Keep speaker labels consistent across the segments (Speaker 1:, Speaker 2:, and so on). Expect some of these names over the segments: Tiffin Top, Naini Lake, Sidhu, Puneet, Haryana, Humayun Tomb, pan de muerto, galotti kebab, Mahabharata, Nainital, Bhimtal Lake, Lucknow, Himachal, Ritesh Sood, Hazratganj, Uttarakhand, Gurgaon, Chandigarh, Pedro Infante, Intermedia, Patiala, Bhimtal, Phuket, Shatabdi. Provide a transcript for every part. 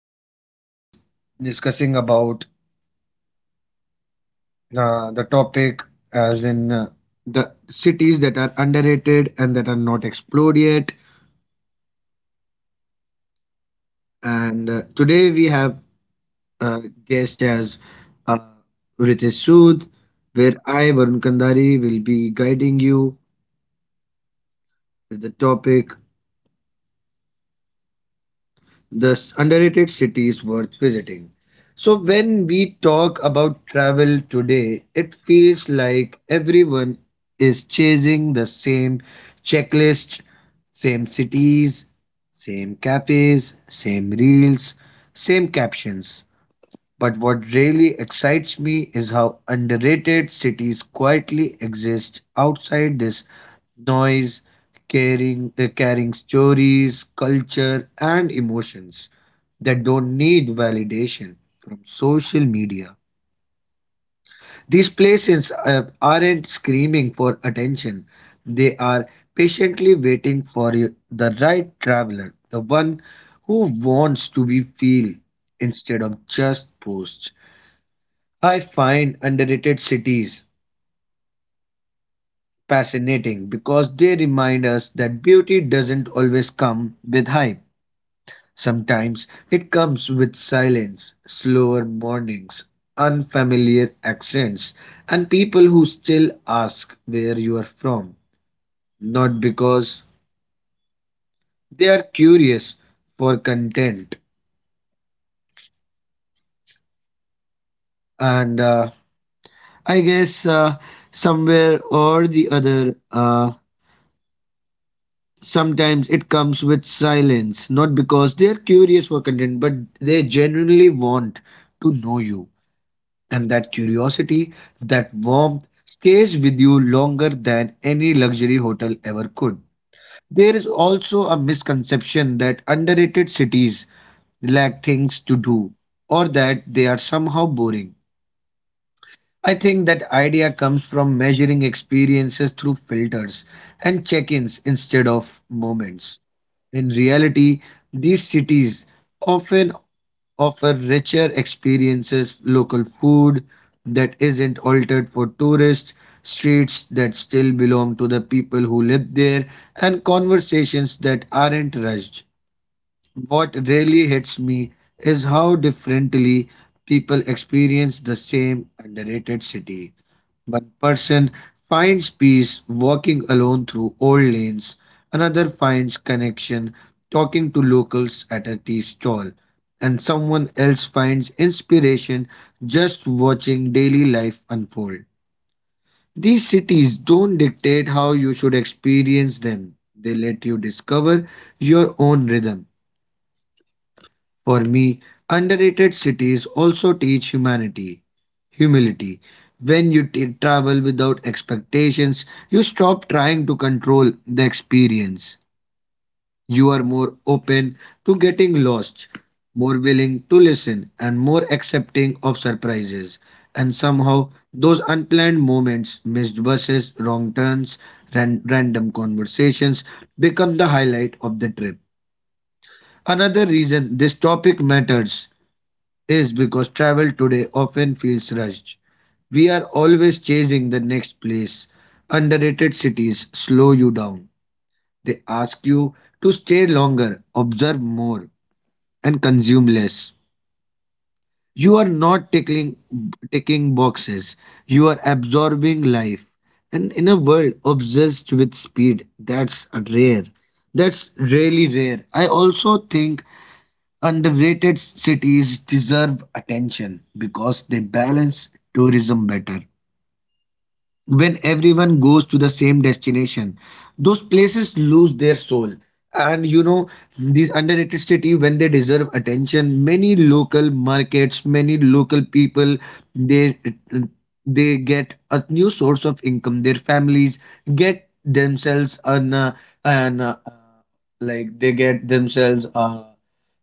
Speaker 1: Where we will be dis- discussing about the topic as in the cities that are underrated and that are not explored yet. And today we have uh, guest as uh, Ritesh Sood, where I, Varun Kandari, will be guiding you with the topic the underrated cities worth visiting. So, when we talk about travel today, it feels like everyone is chasing the same checklist, same cities, same cafes, same reels, same captions. But what really excites me is how underrated cities quietly exist outside this noise, carrying stories, culture, and emotions that don't need validation from social media. These places aren't screaming for attention, they are patiently waiting for you, the right traveler, the one who wants to be feel instead of just post. I find underrated cities fascinating because they remind us that beauty doesn't always come with hype. Sometimes it comes with silence, slower mornings, unfamiliar accents, and people who still ask where you are from. Not because they are curious for content. And I guess somewhere or the other, sometimes it comes with silence, not because they're curious for content, but they genuinely want to know you. And that curiosity, that warmth, stays with you longer than any luxury hotel ever could. There is also a misconception that underrated cities lack things to do or that they are somehow boring. I think that idea comes from measuring experiences through filters and check ins instead of moments. In reality, these cities often offer richer experiences, local food that isn't altered for tourists, streets that still belong to the people who live there, and conversations that aren't rushed. What really hits me is how differently people experience the same underrated city. One person finds peace walking alone through old lanes, another finds connection talking to locals at a tea stall, and someone else finds inspiration just watching daily life unfold. These cities don't dictate how you should experience them, they let you discover your own rhythm. For me, underrated cities also teach humanity, humility. When you travel without expectations, you stop trying to control the experience. You are more open to getting lost, more willing to listen, and more accepting of surprises. And somehow, those unplanned moments, missed buses, wrong turns, random conversations, become the highlight of the trip. Another reason this topic matters is because travel today often feels rushed. We are always chasing the next place. Underrated cities slow you down. They ask you to stay longer, observe more, and consume less. You are not tickling, ticking boxes. You are absorbing life. And in a world obsessed with speed, that's a rare. That's really rare. I also think underrated cities deserve attention because they balance tourism better when everyone goes to the same destination, those places lose their soul. And you know, these underrated city when they deserve attention, many local markets, many local people, they they get a new source of income. Their families get themselves an like they get themselves a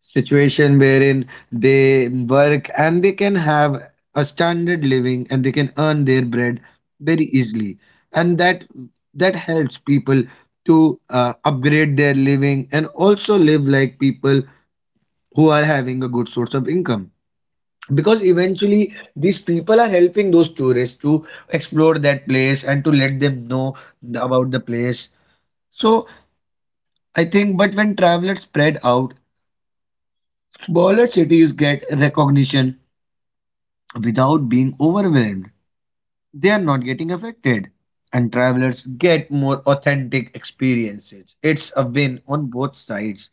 Speaker 1: situation wherein they work and they can have a standard living, and they can earn their bread very easily. And that helps people to upgrade their living and also live like people who are having a good source of income, because eventually these people are helping those tourists to explore that place and to let them know about the place. So I think, but when travelers spread out, smaller cities get recognition without being overwhelmed. They are not getting affected, and travelers get more authentic experiences. It's a win on both sides.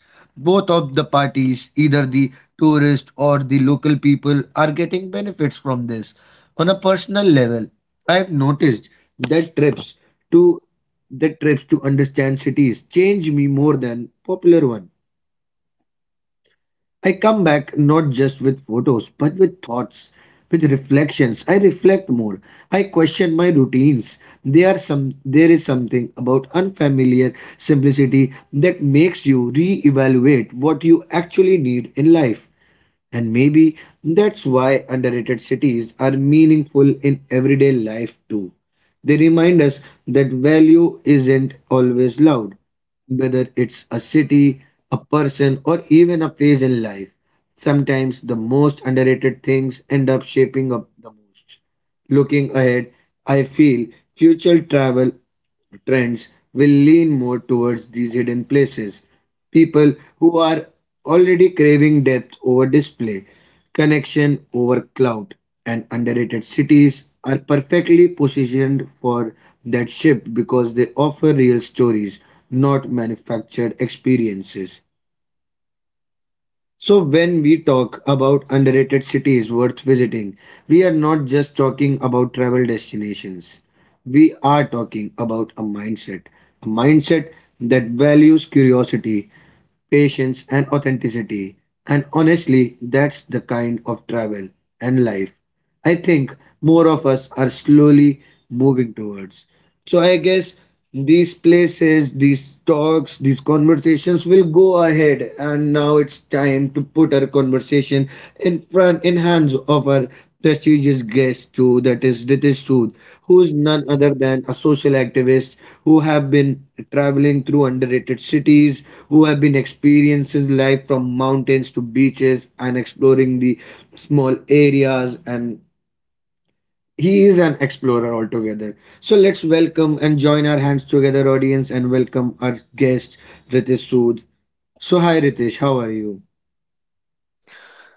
Speaker 1: Both of the parties, either the tourist or the local people, are getting benefits from this. On a personal level, I've noticed that trips to that trips to understand cities change me more than popular one. I come back not just with photos, but with thoughts, with reflections. I reflect more. I question my routines. There is something about unfamiliar simplicity that makes you re-evaluate what you actually need in life. And maybe that's why underrated cities are meaningful in everyday life too. They remind us that value isn't always loud, whether it's a city, a person, or even a phase in life. Sometimes the most underrated things end up shaping up the most. Looking ahead, I feel future travel trends will lean more towards these hidden places. People who are already craving depth over display, connection over cloud, and underrated cities are perfectly positioned for that shift because they offer real stories, not manufactured experiences. So, when we talk about underrated cities worth visiting, we are not just talking about travel destinations. We are talking about a mindset that values curiosity, patience, and authenticity. And honestly, that's the kind of travel and life I think more of us are slowly moving towards. So I guess these places, these talks, these conversations will go ahead, and now it's time to put our conversation station in front in hands of our prestigious guest too, that is Ritesh Sood, who is none other than a social activist who have been traveling through underrated cities, who have been experiencing life from mountains to beaches and exploring the small areas, and he is an explorer altogether. So let's welcome and join our hands together, audience, and welcome our guest Ritesh Sood. So hi Ritesh, how are you?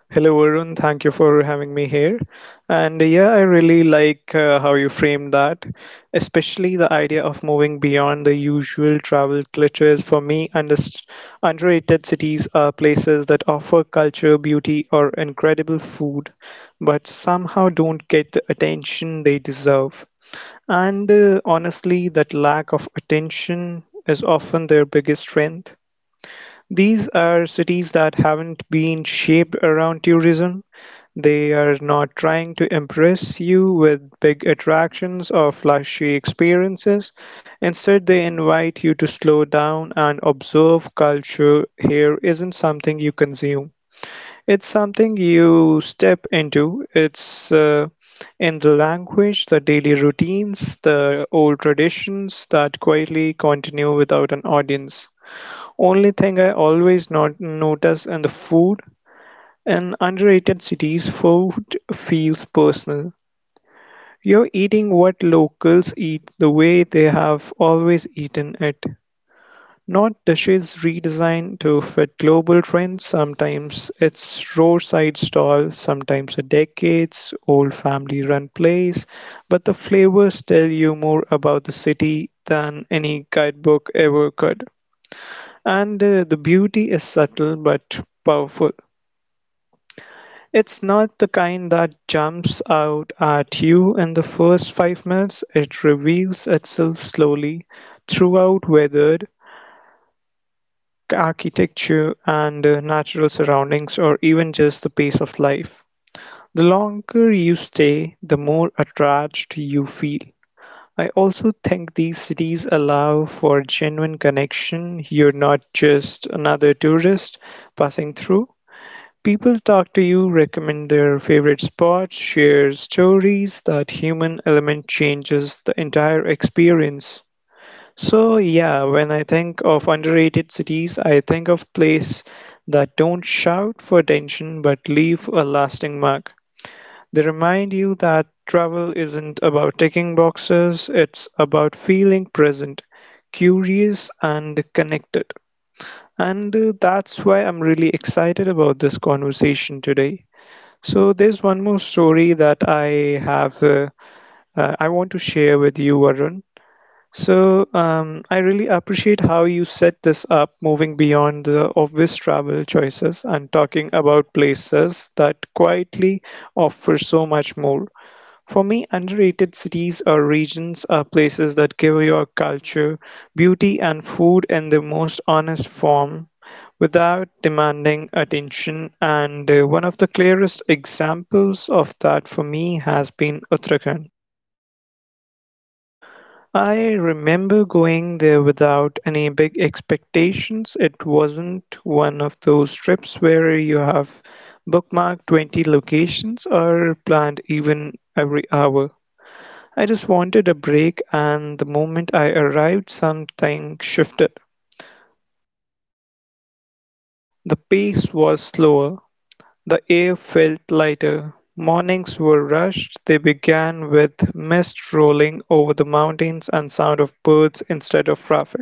Speaker 2: Hello, Varun, thank you for having me here. And yeah, I really like how you framed that, especially the idea of moving beyond the usual travel cliches. For me, underst underrated cities are places that offer culture, beauty, or incredible food, but somehow don't get the attention they deserve. And Honestly, that lack of attention is often their biggest strength. These are cities that haven't been shaped around tourism. They are not trying to impress you with big attractions or flashy experiences. Instead, they invite you to slow down and observe. Culture here isn't something you consume. It's something you step into. It's in the language, the daily routines, the old traditions that quietly continue without an audience. Only thing I always not notice in the food, in underrated cities, food feels personal. You're eating what locals eat the way they have always eaten it. Not dishes redesigned to fit global trends. Sometimes it's roadside stall, sometimes a decades old family run place, but the flavors tell you more about the city than any guidebook ever could. And The beauty is subtle but powerful. It's not the kind that jumps out at you in the first 5 minutes, it reveals itself slowly throughout weathered architecture and natural surroundings, or even just the pace of life. The longer you stay, the more attached you feel. I also think these cities allow for genuine connection. You're not just another tourist passing through. People talk to you, recommend their favorite spots, share stories. That human element changes the entire experience. So yeah, when I think of underrated cities, I think of places that don't shout for attention but leave a lasting mark. They remind you that travel isn't about ticking boxes, it's about feeling present, curious and connected. And That's why I'm really excited about this conversation today. So there's one more story that I have I want to share with you, Varun. So I really appreciate how you set this up, moving beyond the obvious travel choices and talking about places that quietly offer so much more. For me, underrated cities or regions are places that give your culture, beauty, and food in the most honest form without demanding attention. And one of the clearest examples of that for me has been Uttarakhand. I remember going there without any big expectations. It wasn't one of those trips where you have bookmarked 20 locations or planned even every hour. I just wanted a break and the moment I arrived something shifted. The pace was slower, the air felt lighter. Mornings were rushed. They began with mist rolling over the mountains and sound of birds instead of traffic.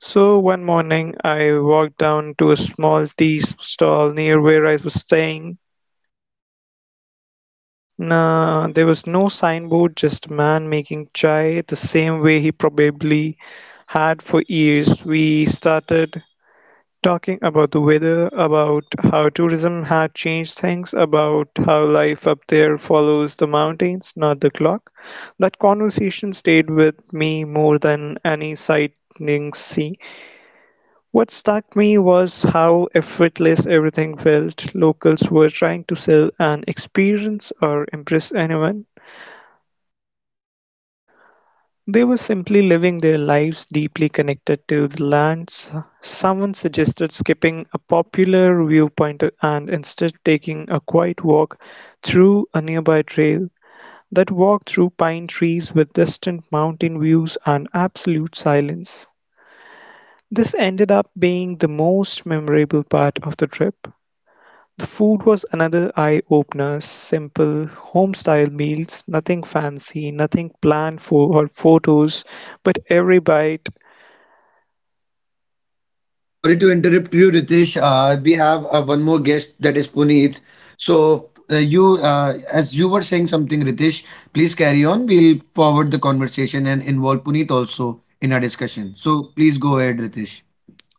Speaker 2: So one morning I walked down to a small tea stall near where I was staying. Nah, there was no signboard, just a man making chai the same way he probably had for years. We started talking about the weather, about how tourism had changed things, about how life up there follows the mountains, not the clock. That conversation stayed with me more than any sightseeing see. What struck me was how effortless everything felt. Locals were trying to sell an experience or impress anyone, they were simply living their lives deeply connected to the lands. Someone suggested skipping a popular viewpoint and instead taking a quiet walk through a nearby trail. That walk through pine trees with distant mountain views and absolute silence. This ended up being the most memorable part of the trip. The food was another eye-opener: simple, home-style meals, nothing fancy, nothing planned for or photos, but every bite.
Speaker 1: Sorry to interrupt you, Ritesh. We have one more guest, that is Puneet. So you, as you were saying something, Ritesh, please carry on. We'll forward the conversation and involve Puneet also in our discussion. So please go ahead, Ritesh.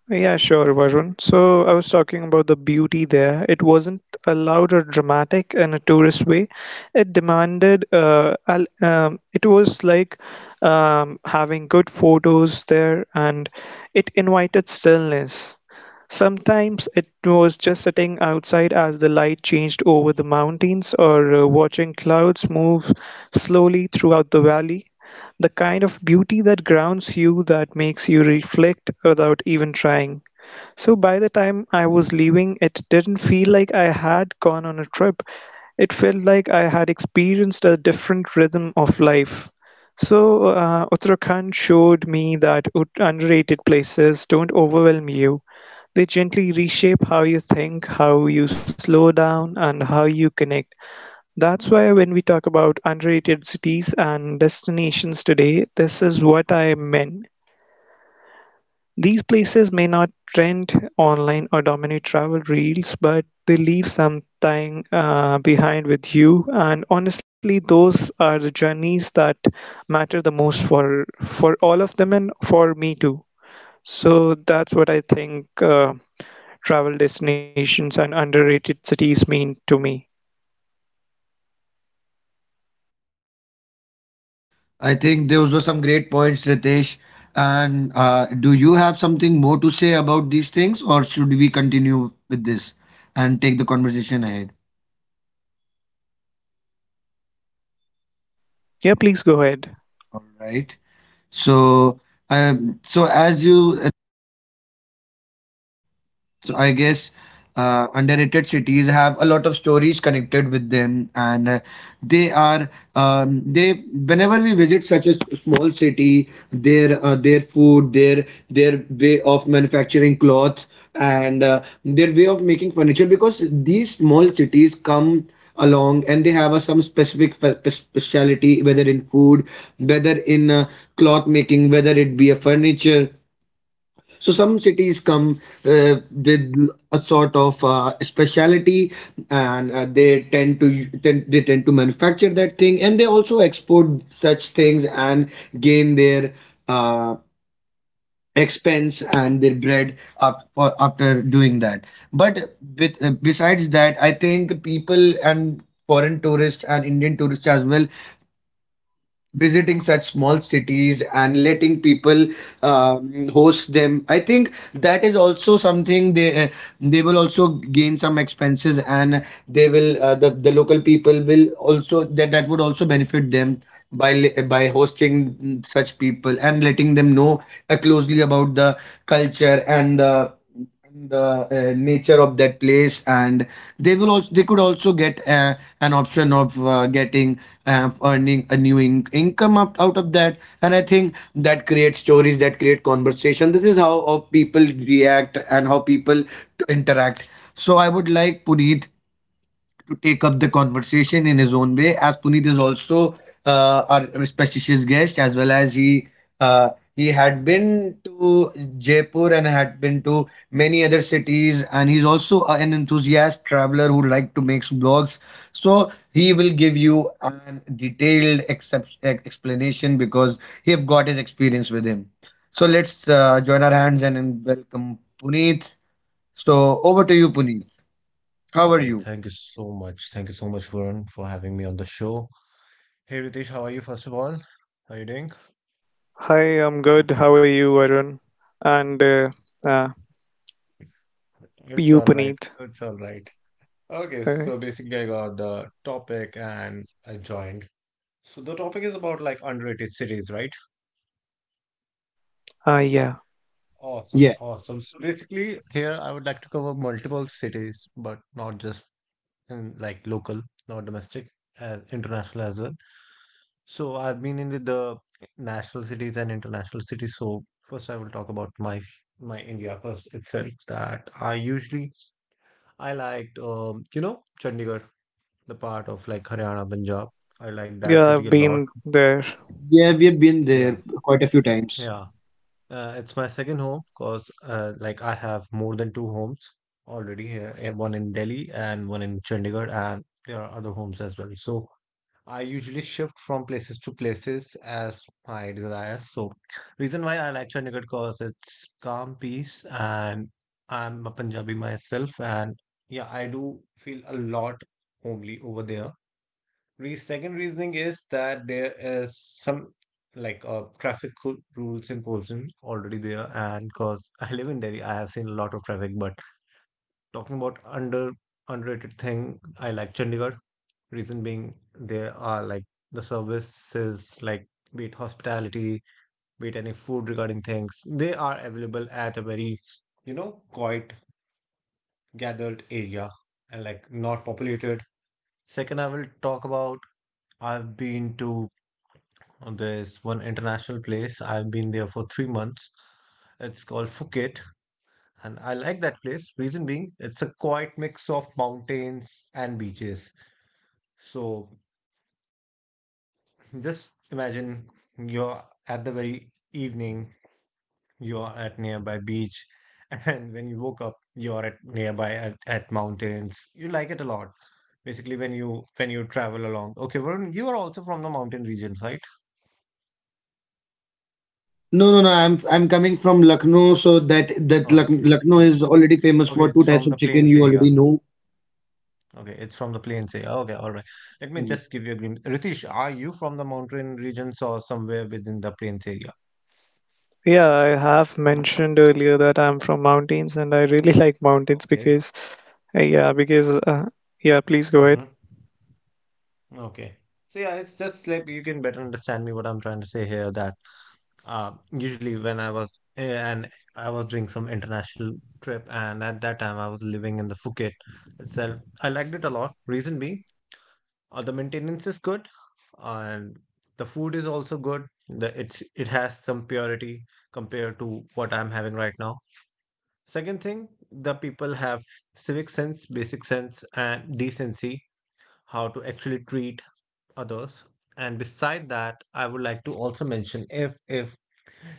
Speaker 2: Yeah, sure, Varun. So I was talking about the beauty there. It wasn't a loud or dramatic in a tourist way. It demanded, it was like having good photos there and it invited stillness. Sometimes it was just sitting outside as the light changed over the mountains or watching clouds move slowly throughout the valley. The kind of beauty that grounds you, that makes you reflect without even trying. So by the time I was leaving, it didn't feel like I had gone on a trip. It felt like I had experienced a different rhythm of life. So Uttarakhand showed me that underrated places don't overwhelm you. They gently reshape how you think, how you slow down, and how you connect. That's why when we talk about underrated cities and destinations today, this is what I meant. These places may not trend online or dominate travel reels, but they leave something behind with you. And honestly, those are the journeys that matter the most for all of them and for me too. So that's what I think travel destinations and underrated cities mean to me.
Speaker 1: I think those were some great points, Ritesh. And do you have something more to say about these things, or should we continue with this and take the conversation ahead?
Speaker 2: Yeah, please go ahead.
Speaker 1: All right. So, so as you So I guess underrated cities have a lot of stories connected with them, and they are they whenever we visit such a small city, their food, their way of manufacturing cloth, and their way of making furniture, because these small cities come along and they have some specific speciality, whether in food, whether in cloth making, whether it be a furniture. So some cities come with a sort of speciality, and they tend to manufacture that thing, and they also export such things and gain their uh, expense and their bread up, for, after doing that. But with, besides that, I think people and foreign tourists and Indian tourists as well visiting such small cities and letting people host them, I think that is also something they will also gain some expenses, and they will the local people will also that would also benefit them by hosting such people and letting them know closely about the culture and the nature of that place. And they could also get an option of getting earning a new income out, out of that. And I think that creates stories, that create conversation. This is how people react and how people interact. So I would like Puneet to take up the conversation in his own way, as Puneet is also our specious guest, as well as uh, he had been to Jaipur and had been to many other cities, and he's also an enthusiast traveler who like to make blogs. So he will give you an detailed explanation because he have got his experience with him. So let's join our hands and welcome Puneet. So over to you, Puneet. How are
Speaker 3: Okay,
Speaker 1: you?
Speaker 3: thank you so much. Thank you so much, Varun, for having me on the show. Hey, Ritesh, how are you, first of all? How you doing?
Speaker 2: Hi, I'm good. How are you, Arun? And uh,
Speaker 3: It's
Speaker 2: you,
Speaker 3: all right.
Speaker 2: Puneet?
Speaker 3: It's all right. Okay,
Speaker 2: Uh,
Speaker 3: so basically, I got the topic and I joined. So the topic is about like underrated cities, right?
Speaker 2: yeah.
Speaker 3: Awesome, awesome. So basically, here I would like to cover multiple cities, but not just and like local, not domestic, international as well. So I've been in with the national cities and international cities. So first, I will talk about my India first itself. That I usually I liked, Chandigarh, the part of like Haryana, Punjab. I like that
Speaker 2: Yeah,
Speaker 3: city a
Speaker 2: I've
Speaker 3: lot.
Speaker 2: been there.
Speaker 1: Yeah, we've been there
Speaker 3: Yeah,
Speaker 1: quite a few times.
Speaker 3: yeah. It's my second home because like I have more than two homes already here, one in Delhi and one in Chandigarh, and there are other homes as well. So I usually shift from places to places as my desires. So, reason why I like Chandigarh because it's calm, peace, and I'm a Punjabi myself, and yeah, I do feel a lot homely over there. Re second reasoning is that there is some like rules imposed in already there, and because I live in Delhi, I have seen a lot of traffic. But talking about underrated thing, I like Chandigarh. Reason being, there are like the services, like be it hospitality, be it any food regarding things, they are available at a very, you know, quiet, gathered area and like not populated. Second, I will talk about I've been to this one international place. I've been there for 3 months. It's called Phuket, and I like that place. Reason being, it's a quiet mix of mountains and beaches. So just imagine you're at the very evening, you're at nearby beach, and when you woke up, you're at nearby at mountains. You like it a lot. Basically, when you travel along. Okay, Varun, you are also from the mountain regions, right?
Speaker 1: No, no, no. I'm coming from Lucknow, so that
Speaker 3: Okay.
Speaker 1: Lucknow is already famous
Speaker 3: Okay,
Speaker 1: for
Speaker 3: it's
Speaker 1: two types
Speaker 3: from
Speaker 1: of
Speaker 3: the
Speaker 1: chicken.
Speaker 3: plains
Speaker 1: You
Speaker 3: area.
Speaker 1: already know.
Speaker 3: Okay, it's from the plains area. Okay, all right. Let me
Speaker 1: Mhm.
Speaker 3: just give you a glimpse. Ritesh, are you from the mountain regions or somewhere within the plains area?
Speaker 2: Yeah, I have mentioned earlier that I'm from mountains and really like mountains
Speaker 3: Okay,
Speaker 2: because, yeah,
Speaker 3: okay.
Speaker 2: because, yeah, please go ahead.
Speaker 3: Mm-hmm. Okay. So yeah, it's just like you can better understand me what I'm trying to say here that usually when I was eh, and I was doing some international trip and at that time I was living in the Phuket itself. I liked it a lot. Reason being, the maintenance is good and the food is also good. The It's it has some purity compared to what I'm having right now. Second thing, the people have civic sense, basic sense, and decency, how to actually treat others. And beside that, I would like to also mention if if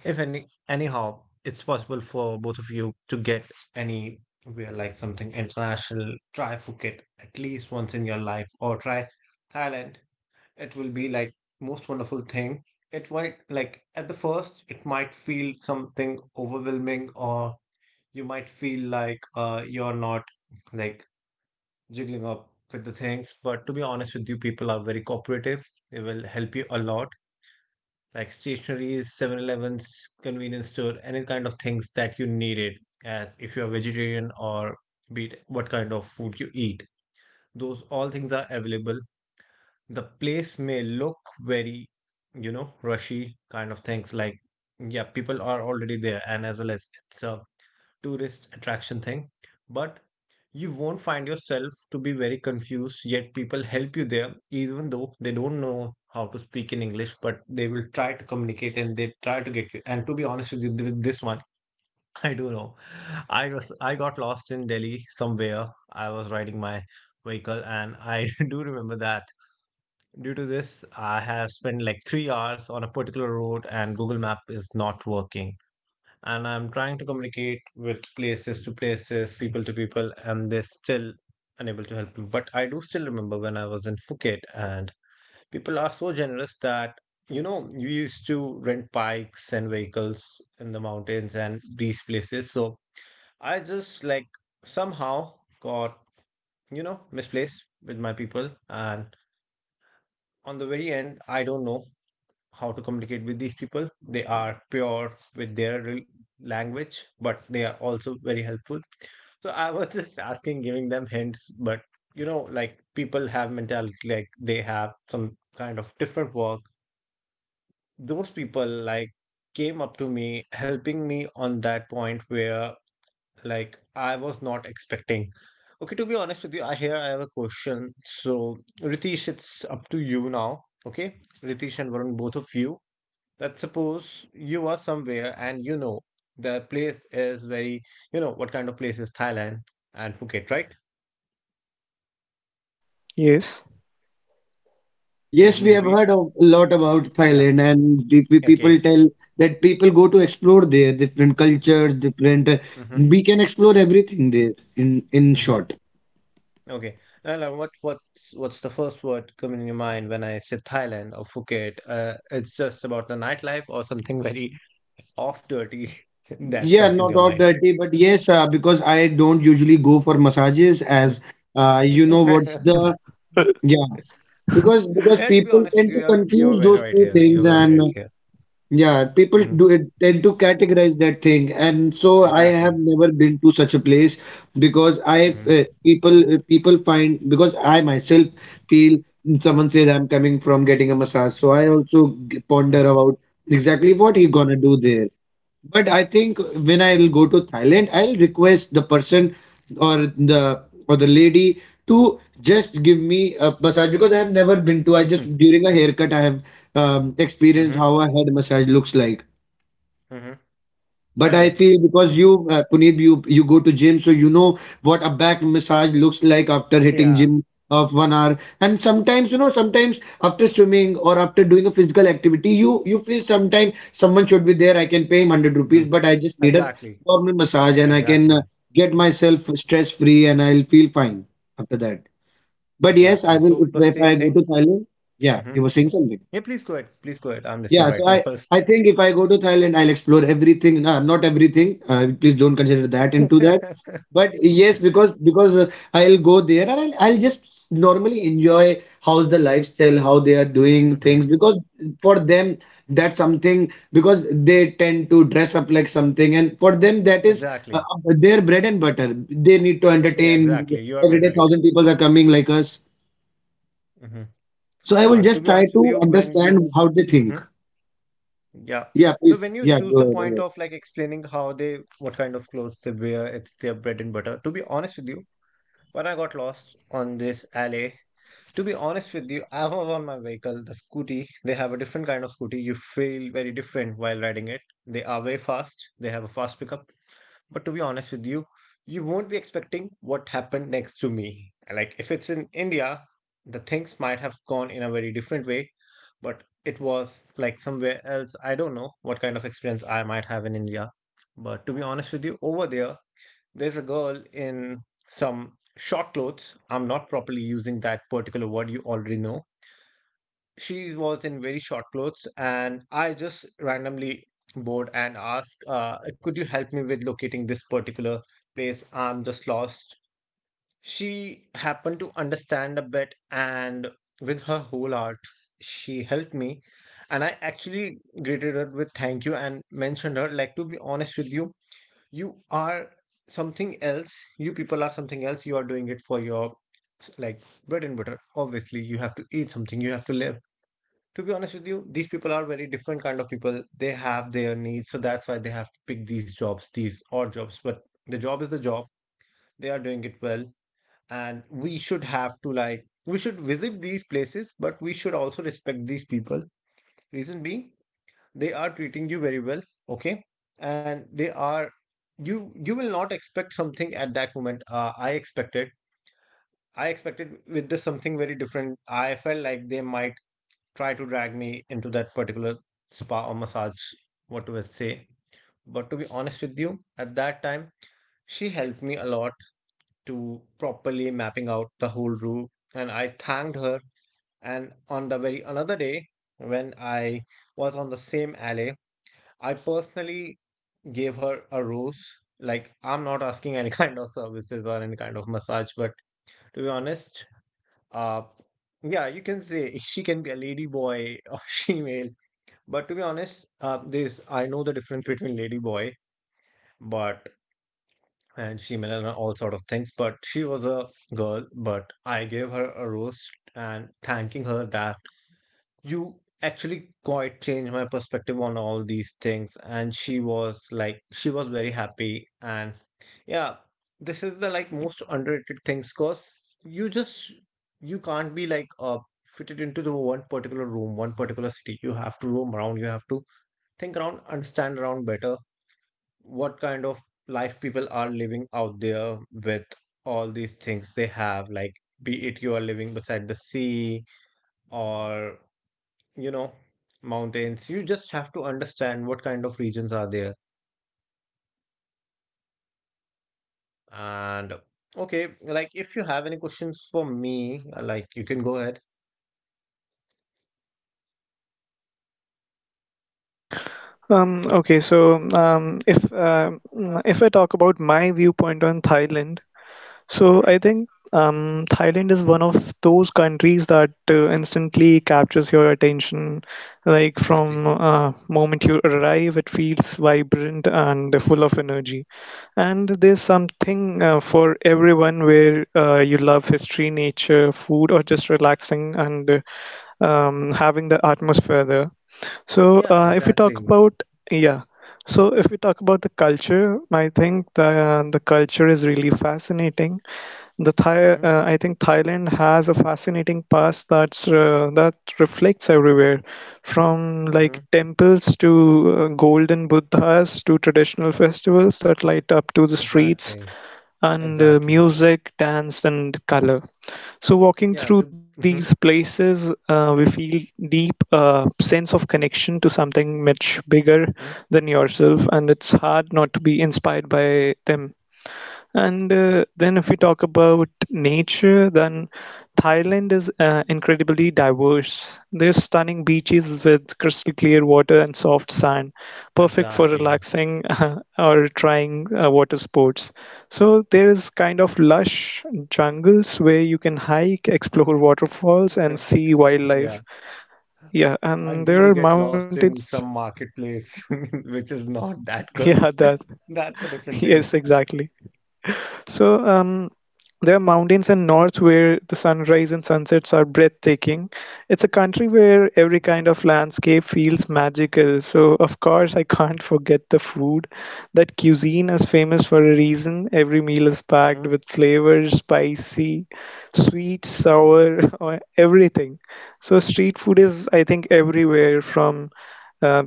Speaker 3: if any anyhow it's possible for both of you to get any we like something international, try Phuket at least once in your life or try Thailand. It will be like most wonderful thing. It might like at the first it might feel something overwhelming or you might feel like you're not like jiggling up with the things. But to be honest with you, people are very cooperative. They will help you a lot, like stationeries, Seven Elevens, convenience store, any kind of things that you needed, as if you are vegetarian or be it what kind of food you eat. Those all things are available. The place may look very, you know, rushy kind of things. Like, yeah, people are already there, and as well as it's a tourist attraction thing. But you won't find yourself to be very confused, yet people help you there, even though they don't know how to speak in English, but they will try to communicate and they try to get you. And to be honest with you, with this one, I do know. I got lost in Delhi somewhere. I was riding my vehicle, and I do remember that. Due to this, I have spent like 3 hours on a particular road, and Google Map is not working and I'm trying to communicate with places to places, people to people, and they're still unable to help me. But I do still remember when I was in Phuket, and people are so generous that you know you used to rent bikes and vehicles in the mountains and these places. So I just like somehow got you know misplaced with my people, and on the very end, I don't know how to communicate with these people. They are pure with their language, but they are also very helpful. So I was just asking, giving them hints, but you know, like people have mentality, like they have some kind of different work. Those people like came up to me, helping me on that point where like I was not expecting. Okay, to be honest with you, I here I have a question. So Ritesh, it's up to you now. Okay, Ritesh and Varun, both of you that suppose you are somewhere and you know the place is very, you know, what kind of place is Thailand and Phuket, right?
Speaker 2: Yes.
Speaker 3: Let
Speaker 1: Yes, we
Speaker 3: me
Speaker 1: have
Speaker 3: repeat.
Speaker 1: heard of, a lot about
Speaker 3: Yeah.
Speaker 1: Thailand, and the people
Speaker 3: Okay.
Speaker 1: tell that people go to explore there, different cultures, different.
Speaker 3: Mm-hmm.
Speaker 1: We can explore everything there. In
Speaker 3: Mm-hmm.
Speaker 1: short,
Speaker 3: Okay. And what's the first word coming in your mind when I say Thailand or Phuket? It's just about the nightlife or something very off dirty that
Speaker 1: yeah,
Speaker 3: comes into
Speaker 1: not
Speaker 3: your
Speaker 1: all
Speaker 3: mind.
Speaker 1: dirty, but yes, because I don't usually go for massages, as you know what's
Speaker 3: Mm-hmm.
Speaker 1: the yeah. Because
Speaker 3: Yeah, to be
Speaker 1: people
Speaker 3: honest with
Speaker 1: tend
Speaker 3: you,
Speaker 1: to
Speaker 3: you're
Speaker 1: confuse
Speaker 3: very
Speaker 1: those
Speaker 3: right
Speaker 1: two
Speaker 3: here. You're
Speaker 1: things,
Speaker 3: very
Speaker 1: and
Speaker 3: right here.
Speaker 1: yeah, people
Speaker 3: Hmm.
Speaker 1: do it tend to categorize that thing, and so I have
Speaker 3: Exactly.
Speaker 1: never been to such a place because I
Speaker 3: Hmm.
Speaker 1: people people find because I myself feel someone says I'm coming from getting a massage, so I also
Speaker 3: Hmm.
Speaker 1: ponder about exactly what he gonna do there. But I think when I'll go to Thailand, I'll request the person or the lady to just give me a massage because I have never been to. I just during a haircut I have experience
Speaker 3: Hmm.
Speaker 1: how a head massage looks like.
Speaker 3: Mhm. Oh,
Speaker 1: But
Speaker 3: yeah.
Speaker 1: I feel because
Speaker 3: Awesome.
Speaker 1: you, Puneet, you go to gym, so you know what a back massage looks like after hitting
Speaker 3: Yeah.
Speaker 1: gym of one hour. And sometimes, you know, sometimes after swimming or after doing a physical activity, you feel sometimes someone should be there. I can pay him hundred rupees,
Speaker 3: Mhm.
Speaker 1: but I just need a
Speaker 3: Exactly.
Speaker 1: normal massage and I can
Speaker 3: Exactly.
Speaker 1: get myself stress free and I'll feel fine after that. But yes, I
Speaker 3: Exactly.
Speaker 1: will
Speaker 3: So
Speaker 1: if
Speaker 3: the
Speaker 1: I
Speaker 3: same
Speaker 1: go
Speaker 3: thing.
Speaker 1: to Thailand. Yeah,
Speaker 3: Hmm.
Speaker 1: you were saying something.
Speaker 3: Yeah, please go ahead. Please go ahead. I'm
Speaker 1: Yeah,
Speaker 3: listening
Speaker 1: so
Speaker 3: right now
Speaker 1: I I
Speaker 3: 1st.
Speaker 1: think if I go to Thailand, I'll explore everything. Not everything. Please don't consider that into that. But yes, because I'll go there and I'll, just normally enjoy how's the lifestyle, how they are doing things.
Speaker 3: Hmm.
Speaker 1: Because for them, that's something because they tend to dress up like something, and for them that is
Speaker 3: Exactly.
Speaker 1: their bread and butter. They need to
Speaker 3: Yeah,
Speaker 1: entertain
Speaker 3: exactly. You are
Speaker 1: every
Speaker 3: very
Speaker 1: day.
Speaker 3: right.
Speaker 1: Thousand people are coming like us,
Speaker 3: Hmm.
Speaker 1: so I will
Speaker 3: Yeah, to
Speaker 1: just
Speaker 3: be
Speaker 1: try
Speaker 3: honest with
Speaker 1: to
Speaker 3: you,
Speaker 1: understand how they think.
Speaker 3: Mhm. Yeah.
Speaker 1: Yeah,
Speaker 3: So
Speaker 1: please.
Speaker 3: when you
Speaker 1: Yeah,
Speaker 3: choose
Speaker 1: go
Speaker 3: the point
Speaker 1: ahead.
Speaker 3: of like explaining how they, what kind of clothes they wear, it's their bread and butter. To be honest with you, when I got lost on this alley. To be honest with you, I was on my vehicle, the scooty. They have a different kind of scooty. You feel very different while riding it. They are very fast. They have a fast pickup. But to be honest with you, you won't be expecting what happened next to me. Like if it's in India, the things might have gone in a very different way, but it was like somewhere else. I don't know what kind of experience I might have in India. But to be honest with you, over there, there's a girl in some short clothes. I'm not properly using that particular word, you already know. She was in very short clothes, and I just randomly bored and asked, could you help me with locating this particular place? I'm just lost. She happened to understand a bit, and with her whole heart, she helped me. And I actually greeted her with thank you and mentioned her, like, to be honest with you, you are something else, you people are something else, you are doing it for your like bread and butter, obviously you have to eat something, you have to live. To be honest with you, these people are very different kind of people, they have their needs, so that's why they have to pick these jobs, these odd jobs, but the job is the job, they are doing it well, and we should have to like we should visit these places, but we should also respect these people. Reason being, they are treating you very well. Okay. And they are, you will not expect something at that moment. I expected with this something very different. I felt like they might try to drag me into that particular spa or massage, what do I say. But to be honest with you, at that time she helped me a lot to properly mapping out the whole route, and I thanked her. And on the very another day, when I was on the same alley, I personally gave her a rose. Like, I'm not asking any kind of services or any kind of massage, but to be honest, uh, yeah, you can say she can be a lady boy or female. But to be honest, this I know the difference between lady boy, but and female and all sort of things. But she was a girl, but I gave her a rose and thanking her that you actually quite changed my perspective on all these things and she was like she was very happy. And yeah, this is the like most underrated things cause you just you can't be like fitted into the one particular room, one particular city. You have to roam around, you have to think around, understand around better what kind of life people are living out there with all these things they have. Like, be it you are living beside the sea or you know, mountains. You just have to understand what kind of regions are there. And okay, like if you have any questions for me, like you can go ahead.
Speaker 2: Okay, so if I talk about my viewpoint on Thailand. So I
Speaker 3: Hmm.
Speaker 2: think Thailand is one of those countries that instantly captures your attention. Like from
Speaker 3: Exactly.
Speaker 2: moment you arrive, it feels vibrant and full of energy. And there's
Speaker 3: Yeah.
Speaker 2: something for everyone where you love history, nature, food, or just relaxing and having the atmosphere there. So
Speaker 3: Yeah,
Speaker 2: uh, if we talk
Speaker 3: exactly.
Speaker 2: about yeah, so if we talk about the culture, I think the culture is really fascinating.
Speaker 3: Hmm.
Speaker 2: I think Thailand has a fascinating past that reflects everywhere, from like
Speaker 3: Hmm.
Speaker 2: temples to golden Buddhas to traditional festivals that light up to the streets
Speaker 3: Exactly.
Speaker 2: and
Speaker 3: Exactly.
Speaker 2: music, dance, and color. So walking
Speaker 3: Yeah,
Speaker 2: through
Speaker 3: to
Speaker 2: these
Speaker 3: Hmm.
Speaker 2: places, we feel deep sense of connection to something much bigger
Speaker 3: Hmm.
Speaker 2: than yourself, and it's hard not to be inspired by them. And
Speaker 3: Yeah,
Speaker 2: uh, then, if we talk about nature, then Thailand is incredibly diverse. There's stunning beaches with crystal clear water and soft sand, perfect for
Speaker 3: exactly.
Speaker 2: relaxing or trying water sports. So there is kind of lush jungles where you can hike, explore waterfalls, and see wildlife.
Speaker 3: Yeah,
Speaker 2: Yeah, and
Speaker 3: until
Speaker 2: there are
Speaker 3: you get
Speaker 2: mountains.
Speaker 3: lost in some marketplace which is
Speaker 2: Yeah,
Speaker 3: not
Speaker 2: that.
Speaker 3: that good. That's a
Speaker 2: Yes,
Speaker 3: different thing.
Speaker 2: exactly. So, um, There are mountains in north where the sunrise and sunsets are breathtaking. It's a country where every kind of landscape feels magical. So, of course, I can't forget the food. That cuisine is famous for a reason. Every meal is packed
Speaker 3: Mhm.
Speaker 2: with flavors, spicy, sweet, sour, or everything. So, street food is, I think, everywhere from uh,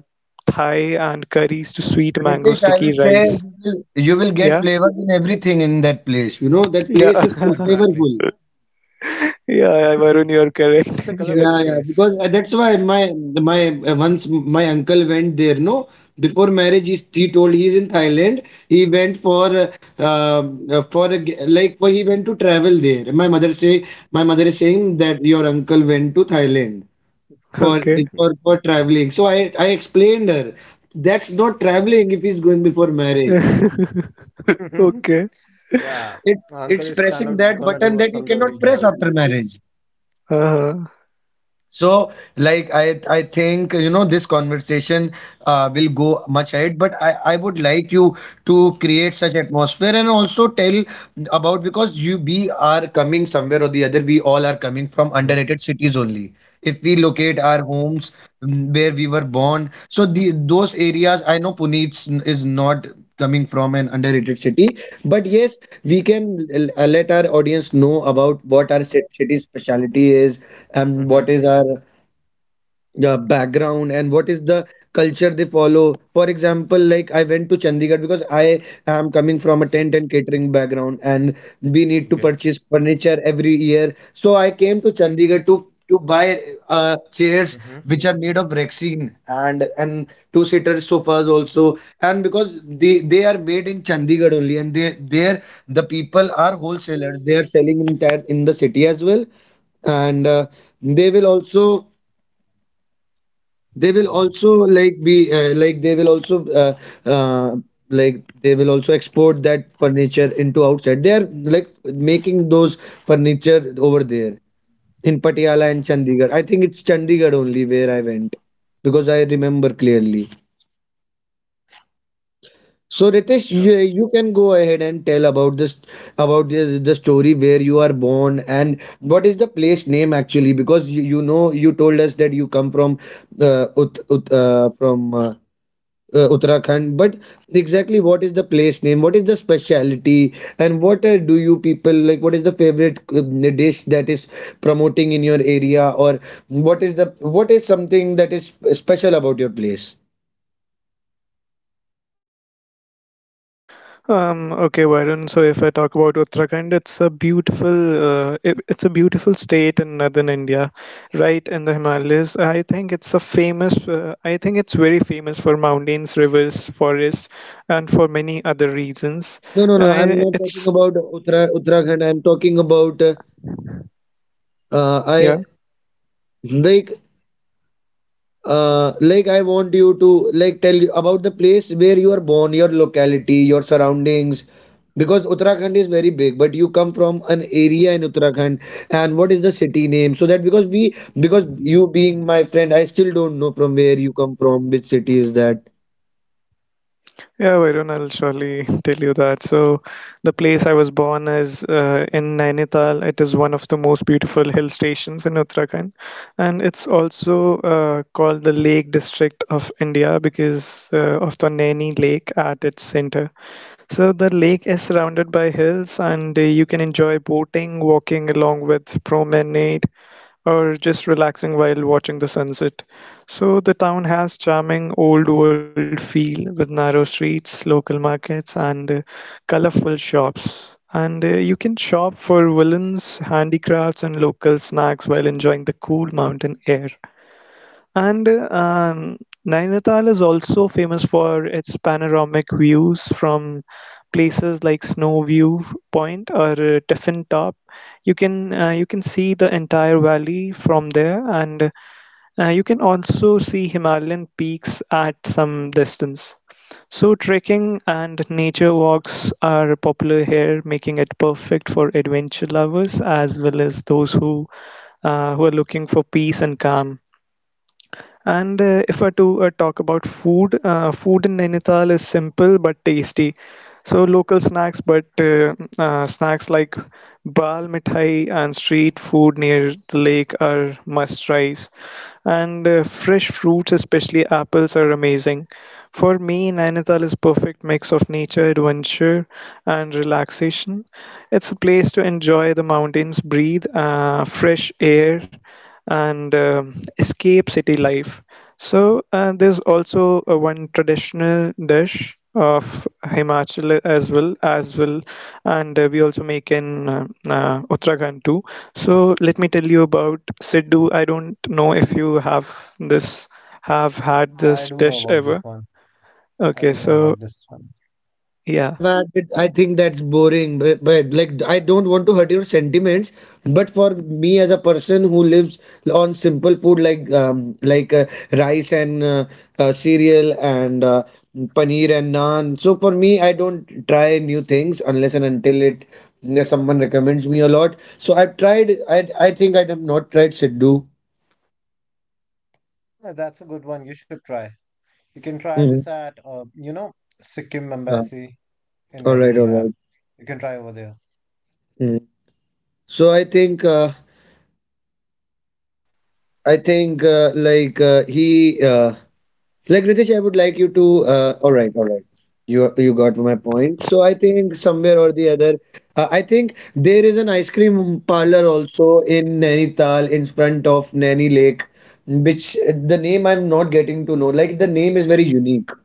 Speaker 2: Thai and curries to sweet mango
Speaker 1: Ritesh, I will
Speaker 2: sticky
Speaker 1: say
Speaker 2: rice.
Speaker 1: you will get
Speaker 2: Yeah,
Speaker 1: flavor in everything in that place. You know that
Speaker 2: yeah.
Speaker 1: place is so
Speaker 3: Exactly.
Speaker 1: flavorful.
Speaker 2: Yeah, yeah, Varun, you're correct.
Speaker 3: It's a
Speaker 2: Yeah,
Speaker 3: colorful
Speaker 1: Yeah, yeah.
Speaker 3: place.
Speaker 1: Because that's why my once my uncle went there. No, before marriage, he told he's in Thailand. He went for like for he went to travel there. My mother is saying that your uncle went to Thailand for
Speaker 2: okay.
Speaker 1: for traveling. So I explained her that's not traveling if he's going before marriage.
Speaker 2: Okay.
Speaker 3: Yeah,
Speaker 1: it it's
Speaker 3: uncle is kind
Speaker 1: pressing
Speaker 3: of
Speaker 1: that
Speaker 3: gonna
Speaker 1: button
Speaker 3: do
Speaker 1: that you
Speaker 3: some
Speaker 1: cannot
Speaker 3: dirty
Speaker 1: press
Speaker 3: job.
Speaker 1: after marriage.
Speaker 2: Uh-huh.
Speaker 1: So like I think you know this conversation will go much ahead but I would like you to create such atmosphere and also tell about because you we are coming somewhere or the other, we all are coming from
Speaker 3: Mm-hmm.
Speaker 1: underrated cities only if we locate our homes where we were born. So the those areas, I know Pune is not coming from an underrated city, but yes, we can let our audience know about what our city's specialty is and
Speaker 3: Mm-hmm.
Speaker 1: what is our background and what is the culture they follow. For example, like I went to Chandigarh because I am coming from a tent and catering background, and we need to
Speaker 3: Okay.
Speaker 1: purchase furniture every year, so I came to Chandigarh to buy chairs
Speaker 3: Mm-hmm.
Speaker 1: which are made of rexine, and two seater sofas also, and because they are made in Chandigarh only, and they there the people are wholesalers, they are selling in that in the city as well, and they will also they will also like be like they will also uh, like they will also export that furniture into outside. They are like making those furniture over there in Patiala and Chandigarh. I think it's Chandigarh only where I went because I remember clearly. So Ritesh, you can go ahead and tell about this, about the story where you are born and what is the place name actually, because you know you told us that you come from uh, ut, ut, uh, from uh, Uttarakhand. But exactly what is the place name? What is the speciality? And what do you people like? What is the favorite dish that is promoting in your area? Or what is the what is something that is special about your place?
Speaker 2: Okay, Varun. So if I talk about Uttarakhand, it's a beautiful state in northern India, right in the Himalayas. I think it's a famous, I think it's very famous for mountains, rivers, forests, and for many other reasons.
Speaker 1: No, no, no. I'm
Speaker 2: I,
Speaker 1: not talking
Speaker 2: it's
Speaker 1: about Uttara Uttarakhand. I'm talking about
Speaker 2: yeah,
Speaker 1: I like like I want you to like tell you about the place where you are born, your locality, your surroundings, because Uttarakhand is very big, but you come from an area in Uttarakhand, and what is the city name? So that because we, because you being my friend, I still don't know from where you come from, which city is that.
Speaker 2: Yeah, Varun, I'll surely tell you that. So, the place I was born is in Nainital. It is one of the most beautiful hill stations in Uttarakhand, and it's also called the Lake District of India because of the Naini Lake at its center. So, the lake is surrounded by hills, and you can enjoy boating, walking along with promenade, or just relaxing while watching the sunset. So the town has charming old world feel with narrow streets, local markets and colorful shops. And you can shop for woollens, handicrafts and local snacks while enjoying the cool mountain air. And Nainital is also famous for its panoramic views from places like Snow View Point or Tiffin Top. You can see the entire valley from there, and you can also see Himalayan peaks at some distance. So trekking and nature walks are popular here, making it perfect for adventure lovers as well as those who are looking for peace and calm. And if I to talk about food, food in Nainital is simple but tasty. So local snacks, but snacks like bal mithai and street food near the lake are must try and fresh fruits, especially apples, are amazing. For me, Nainital is perfect mix of nature, adventure, and relaxation. It's a place to enjoy the mountains, breathe fresh air, and escape city life. So there's also one traditional dish of Himachal as well, and we also make in Uttarakhand too, so let me tell you about Sidhu. I don't know if you have this have had.
Speaker 3: Oh, I do know about this one. I do know about this one.
Speaker 1: Yeah, I've had it. I think that's boring, but, like I don't want to hurt your sentiments. But for me as a person who lives on simple food like rice and cereal and paneer and naan, so for me I don't try new things unless and until it someone recommends me a lot. So I've tried. I think I have not tried siddu.
Speaker 3: Yeah, that's a good one. You should try. You can try
Speaker 1: Mhm.
Speaker 3: this at, you know, Sikkim
Speaker 1: Uh,
Speaker 3: Embassy in
Speaker 1: all
Speaker 3: Delhi.
Speaker 1: right,
Speaker 3: We
Speaker 1: all
Speaker 3: have.
Speaker 1: right.
Speaker 3: You can try over there.
Speaker 1: Mhm. So I think like he. Uh, Like Ritesh, I would like you to. All right, all right. You got my point. So I think somewhere or the other, I think there is an ice cream parlor also in Nainital, in front of Naini Lake, which the name I'm not getting to know. Like the name is very unique.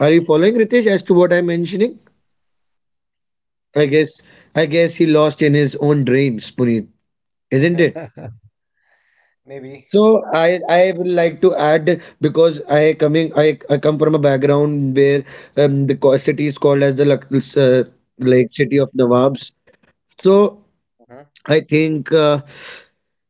Speaker 1: Are you following Ritesh as to what I'm mentioning? I guess I guess he lost in his own dreams, Puneet, isn't it?
Speaker 3: Maybe.
Speaker 1: So I will like to add because I come from a background where the city is called as the uh, like city of Nawabs. So
Speaker 3: Hmm.
Speaker 1: I think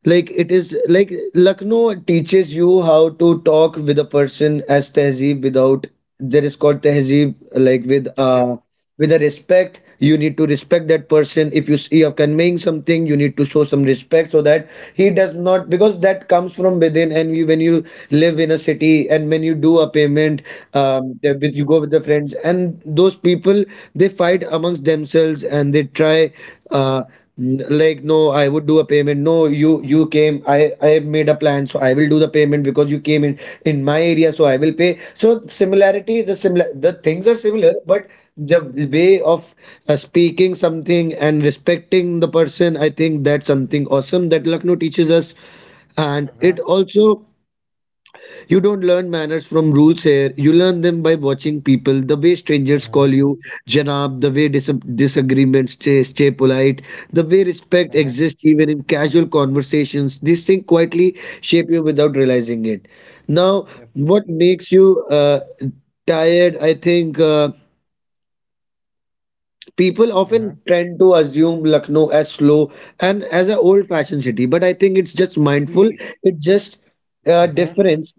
Speaker 1: like it is like Lucknow teaches you how to talk with a person as tehzeeb without. There is called tehzeeb like
Speaker 3: Yep. Yep.
Speaker 1: with a respect. You need to respect that person. If you see you're conveying something, you need to show some respect so that he does not, because that comes from within. And you, when you live in a city and when you do a payment, that with you go with the friends, and those people they fight amongst themselves, and they try uh like, no, I would do a payment. No, you you came, I have made a plan, so I will do the payment because you came in my area, so I will pay. So similarity the similar the things are similar, but the way of speaking something and respecting the person, I think that's something awesome that Lucknow teaches us. And it
Speaker 3: Mm-hmm.
Speaker 1: also, you don't learn manners from rules here. You learn them by watching people, the way strangers
Speaker 3: Mm-hmm.
Speaker 1: call you Janab, the way disagreements stay polite, the way respect
Speaker 3: Mm-hmm.
Speaker 1: exists even in casual conversations. These things quietly
Speaker 3: Mm-hmm.
Speaker 1: shape you without realizing it. Now,
Speaker 3: Yep.
Speaker 1: what makes you tired? I think people
Speaker 3: Mm-hmm.
Speaker 1: often tend to assume Lucknow as slow and as an old fashioned city, but I think it's just mindful.
Speaker 3: We.
Speaker 1: It's just a
Speaker 3: Mm-hmm.
Speaker 1: difference.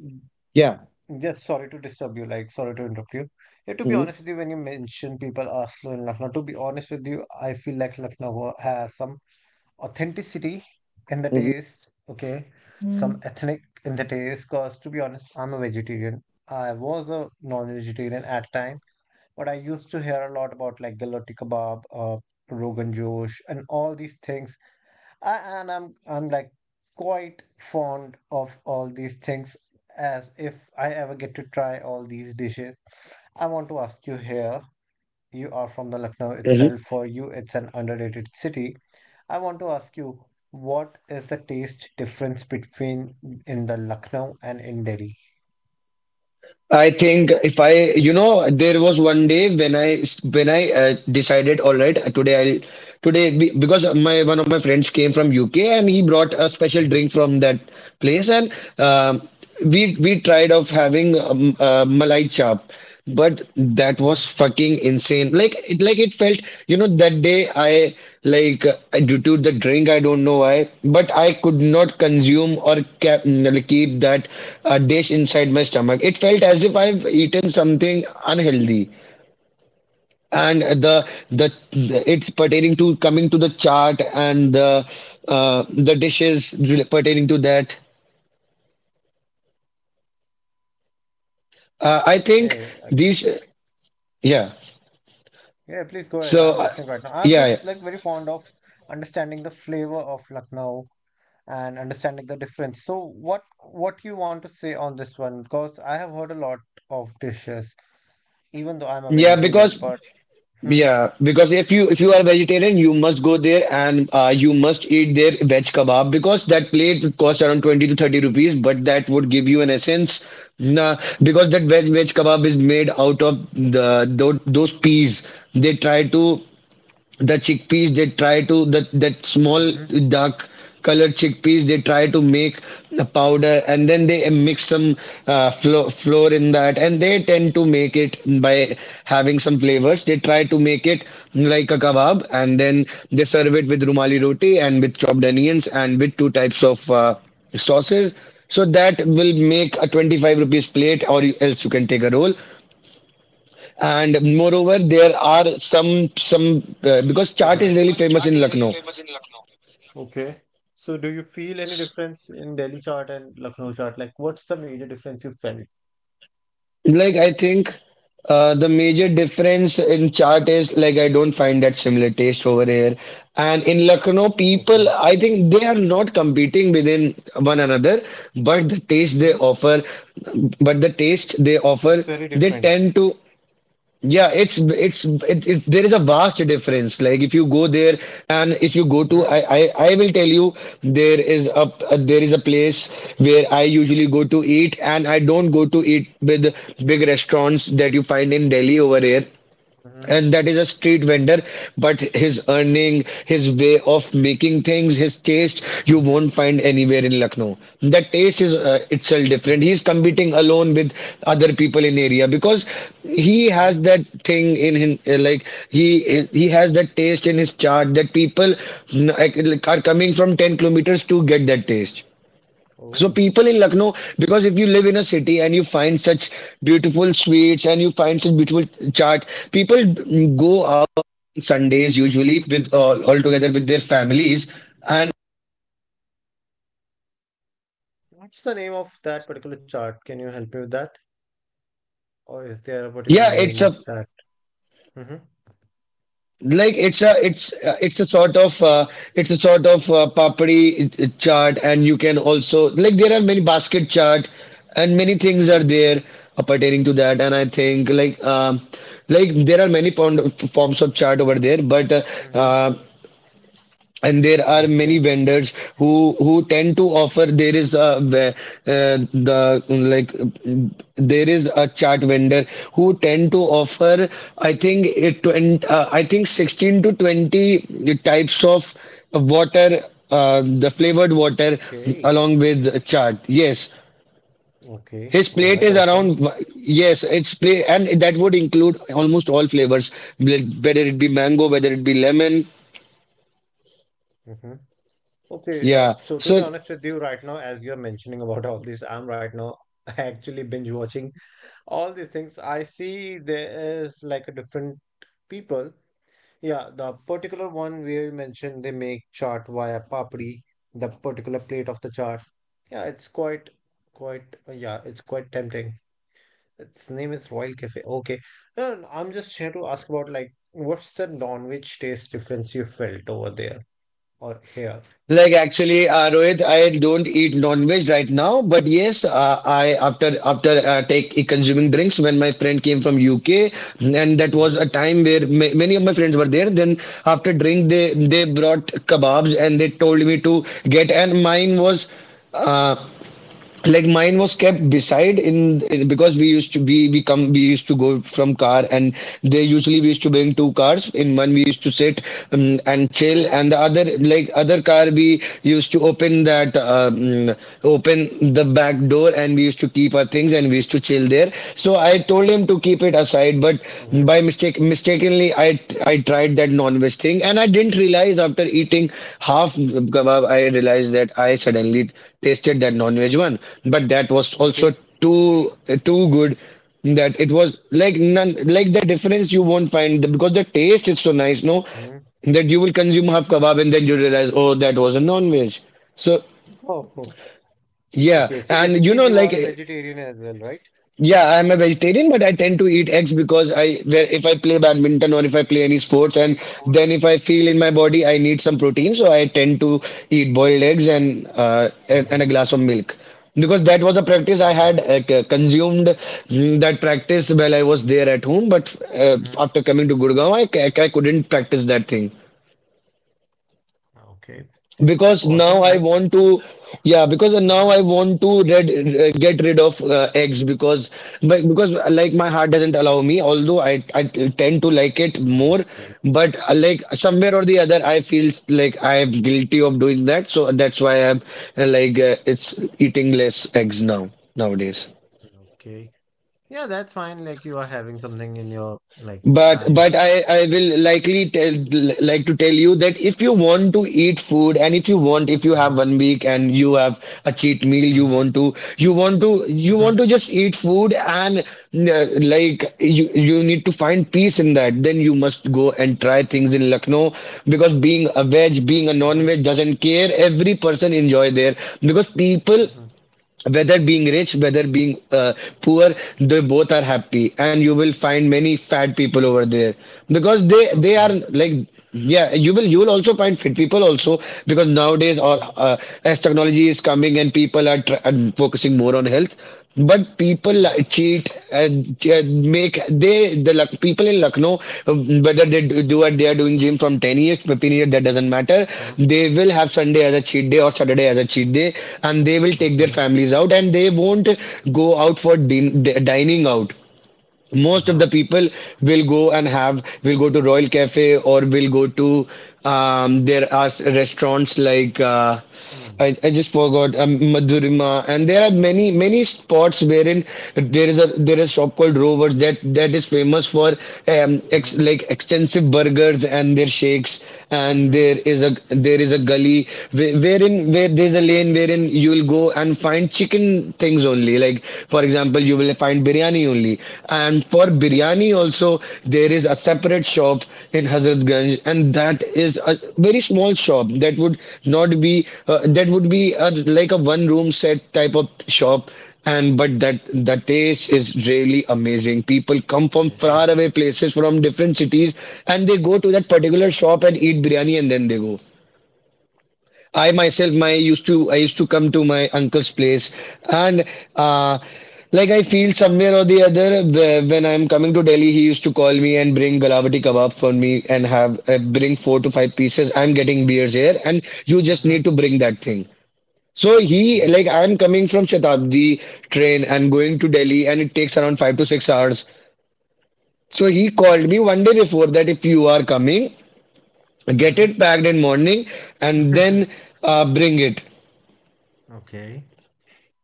Speaker 1: Yeah.
Speaker 3: Yes. Sorry to disturb you. Like, sorry to interrupt you. Yeah. To be honest with you, when you mention people are slow in Lucknow, to be honest with you, I feel like Lucknow has some authenticity in the taste, okay, some ethnic in the taste. Cause to be honest, I'm a vegetarian. I was a non-vegetarian at time, but I used to hear a lot about like galotti kebab, Rogan Josh, and all these things. And I'm like quite fond of all these things. As if I ever get to try all these dishes, I want to ask you here you are from the
Speaker 1: Mhm.
Speaker 3: Lucknow itself. For you, it's an underrated city. I want to ask you, what is the taste difference between in the Lucknow and in Delhi?
Speaker 1: I think if I, you know, there was one day when I decided, all right, today I'll today because my one of my friends came from UK and he brought a special drink from that place and um we tried of having Malai chap. But that was
Speaker 3: Mm-hmm.
Speaker 1: fucking insane. Like it felt, you know, that day I like due to the drink, I don't know why, but I could not consume or keep that dish inside my stomach. It felt as if I've eaten something unhealthy. And the it's pertaining to coming to the chart and the dishes pertaining to that. I think
Speaker 3: Okay. Uh.
Speaker 1: these, yeah.
Speaker 3: Yeah, please go ahead.
Speaker 1: So,
Speaker 3: I'm
Speaker 1: uh,
Speaker 3: listening right now. I'm
Speaker 1: yeah,
Speaker 3: just
Speaker 1: yeah,
Speaker 3: like very fond of understanding the flavor of Lucknow, and understanding the difference. So what you want to say on this one? Because I have heard a lot of dishes, even though I'm a
Speaker 1: Yeah, because
Speaker 3: vegetarian. But hmm.
Speaker 1: Yeah, because if you are vegetarian, you must go there and you must eat their veg kebab because that plate would cost around 20 to 30 rupees, but that would give you an essence. Nah, because that veg kebab is made out of the, those peas. They try to the chickpeas they try to that that small
Speaker 3: Hmm.
Speaker 1: dark colored chickpeas they try to make the powder, and then they mix some flour in that, and they tend to make it by having some flavors, they try to make it like a kebab, and then they serve it with rumali roti and with chopped onions and with two types of sauces, so that will make a 25 rupees plate, or else you can take a roll. And moreover, there are some because chaat
Speaker 3: Mhm,
Speaker 1: is really
Speaker 3: because
Speaker 1: famous
Speaker 3: chaat
Speaker 1: in
Speaker 3: is really
Speaker 1: Lucknow.
Speaker 3: famous in Lucknow. Okay. So do you feel any difference in Delhi chaat and Lucknow chaat? Like what's the major difference you felt?
Speaker 1: Like I think the major difference in chaat is like I don't find that similar taste over here, and in Lucknow people
Speaker 3: Okay.
Speaker 1: I think they are not competing within one another, but the taste they
Speaker 3: Hmm.
Speaker 1: offer, but the taste they offer
Speaker 3: It's very
Speaker 1: they
Speaker 3: different.
Speaker 1: tend to. Yeah, it's it, it, there is a vast difference. Like if you go there and if you go to, I
Speaker 3: Hmm.
Speaker 1: I, I will tell you there is a there is a place where I usually go to eat, and I don't go to eat with big restaurants that you find in Delhi over here,
Speaker 3: Hmm.
Speaker 1: and that is a street vendor. But his earning, his way of making things, his taste, you
Speaker 3: Hmm.
Speaker 1: won't find anywhere in Lucknow. That taste is, itself different.
Speaker 3: Hmm.
Speaker 1: He's competing alone with other people in area because he
Speaker 3: Hmm.
Speaker 1: has that thing in him, like he has that taste in his chart that people are coming from 10 kilometers to get that taste. So
Speaker 3: Oh.
Speaker 1: people in Lucknow, because if you live in a city and you find such beautiful sweets and you find such beautiful chaat, people go.
Speaker 3: What's the name of that particular chart? Can you help me with that? Or is there a particular name of that? Hmm.
Speaker 1: Like it's a sort of, papadi, chart. And you can also, like, there are many basket chart and many things are
Speaker 3: Hmm.
Speaker 1: there, pertaining to that. And I think, like, like there are many pond over there, but
Speaker 3: Mm-hmm.
Speaker 1: uh, and there are many
Speaker 3: Okay.
Speaker 1: vendors who tend to offer. There is a uh, the, like, there is a chart vendor who tend to offer, I think it 20, I think 16 to 20 types of water, the flavored water,
Speaker 3: Okay.
Speaker 1: along with chart, yes.
Speaker 3: Okay.
Speaker 1: His
Speaker 3: All
Speaker 1: plate
Speaker 3: right.
Speaker 1: is
Speaker 3: Awesome.
Speaker 1: around, yes, it's play, and that would include almost all flavors, whether it be mango, whether it be lemon.
Speaker 3: Mm-hmm. Okay.
Speaker 1: Yeah,
Speaker 3: So to be
Speaker 1: so
Speaker 3: honest with you, right now, as you're mentioning about all this, I'm right now actually binge watching all these things. I see there is like a different people. Yeah, the particular one where you mentioned they make chart via papri, the particular plate of the chart. Yeah, it's quite, quite. Uh, yeah, it's quite tempting. Its name is Royal Cafe. Okay. No, no, no. I'm just here to ask about like what's the non-veg taste difference you felt over there or here?
Speaker 1: like actually, Rohit, I don't eat non-veg right now, but yes, I, after after take consuming drinks when my friend came from UK, and that was
Speaker 3: Mm-hmm.
Speaker 1: a time where many of my friends were there. Then after drink, they brought kebabs and they told me to get, and mine was. Uh, like mine was kept beside in, because we used to go from car, and they usually we used to bring two cars. In one we used to sit, and chill,
Speaker 3: Mm-hmm.
Speaker 1: and the other, like other car, we used to open that, open the back door, and we used to keep our things and we used to chill there. So I told him to keep it aside, but
Speaker 3: Mm-hmm.
Speaker 1: by mistake, mistakenly, I tried that non-veg thing, and I didn't realize. After eating half kebab, I realized that I suddenly tasted that non-veg one. But that was also
Speaker 3: Okay.
Speaker 1: too too good, that it was like none. Like, the difference you won't find, because the taste is so nice, no,
Speaker 3: Hmm.
Speaker 1: that you will consume half kebab and then you realize, oh, that was a non-veg. So
Speaker 3: Oh, oh,
Speaker 1: yeah.
Speaker 3: okay. So
Speaker 1: And you
Speaker 3: basically,
Speaker 1: know,
Speaker 3: you are a
Speaker 1: like,
Speaker 3: vegetarian as well, right?
Speaker 1: yeah, I'm a vegetarian, but I tend to eat eggs because I, where if I play badminton or if I play any sports, and then if I feel in my body I need some protein, so I tend to eat boiled eggs, and uh, and,
Speaker 3: Mm-hmm.
Speaker 1: and a glass of milk, because that was a practice I
Speaker 3: Mm-hmm.
Speaker 1: had, consumed, that practice while I was there at home. But
Speaker 3: Mm-hmm.
Speaker 1: after coming to Gurgaon, I, I couldn't practice that thing,
Speaker 3: Okay. Yep.
Speaker 1: because now
Speaker 3: Awesome.
Speaker 1: I
Speaker 3: Like.
Speaker 1: want to. Yeah, because now
Speaker 3: Mm-hmm.
Speaker 1: I want to, get rid of eggs, because, but because, like, my heart doesn't allow me. Although I tend to like it more,
Speaker 3: Okay.
Speaker 1: but like, somewhere or the other, I feel like I am guilty of doing that. So that's why I'm, like, it's eating less eggs now nowadays.
Speaker 3: Okay. Yeah, that's fine. Like you are having something in your like
Speaker 1: But
Speaker 3: time.
Speaker 1: but I will likely tell, like, to tell you that if you want to eat food, and if you want, if you have
Speaker 3: Mm-hmm.
Speaker 1: one week and you have a cheat meal, you
Speaker 3: Mm-hmm.
Speaker 1: want to, you want to you want
Speaker 3: Mm-hmm.
Speaker 1: to just eat food, and like, you need to find peace in that, then you must go and try things in Lucknow, because being a veg, being a
Speaker 3: Mm-hmm.
Speaker 1: non-veg doesn't care, every person enjoy there, because people,
Speaker 3: Mm-hmm.
Speaker 1: whether being rich, whether being, poor, they both are happy, and you will find many fat people over there, because they are
Speaker 3: Okay.
Speaker 1: like. Yeah, you will also find fit people also, because nowadays or,
Speaker 3: Mm-hmm.
Speaker 1: as technology is coming, and people are, are focusing more on health, but people
Speaker 3: Mm-hmm.
Speaker 1: cheat, and, uh, make they, the luck people in Lucknow, whether they do what they are doing gym from 10 years to 15 years, that doesn't matter.
Speaker 3: Mm-hmm.
Speaker 1: They will have Sunday as a cheat day or Saturday as a cheat day, and they will take their
Speaker 3: Okay.
Speaker 1: families out, and they won't go out for dining out. Most of the
Speaker 3: Uh-huh.
Speaker 1: people will go and have, will go to Royal Cafe or will go to, there are restaurants like,
Speaker 3: Hmm.
Speaker 1: I just forgot, Madhurima, and there are many many spots wherein there is a shop called Rovers, that is famous for,
Speaker 3: Mm-hmm.
Speaker 1: like extensive burgers and their shakes. And
Speaker 3: Mm-hmm.
Speaker 1: there is a gully, wherein, where there's a lane wherein you'll go and find chicken things only. Like, for example, you will find biryani only. And for biryani also, there is a separate shop in Hazratganj, and that is a very small shop that would not be, that would be a, like, a one room set type of shop. And but that the taste is really amazing, people come from far
Speaker 3: Okay.
Speaker 1: away places from different cities, and they go to that particular shop and eat biryani, and then they go. I myself, I used to come to my uncle's place, and, uh, like, I feel somewhere or the other, when I'm coming to Delhi, he used to call me and bring Galavati kebab for me and have, bring four to five pieces. I'm getting beers here, and you just need
Speaker 3: Mm-hmm.
Speaker 1: to bring that thing. So he,
Speaker 3: Okay.
Speaker 1: like, I'm coming from Shatabdi train and going to Delhi, and it takes around 5 to 6 hours. So he called me one day before that if you are coming, get
Speaker 3: Mm-hmm.
Speaker 1: it packed in morning, and then, bring it.
Speaker 3: Okay.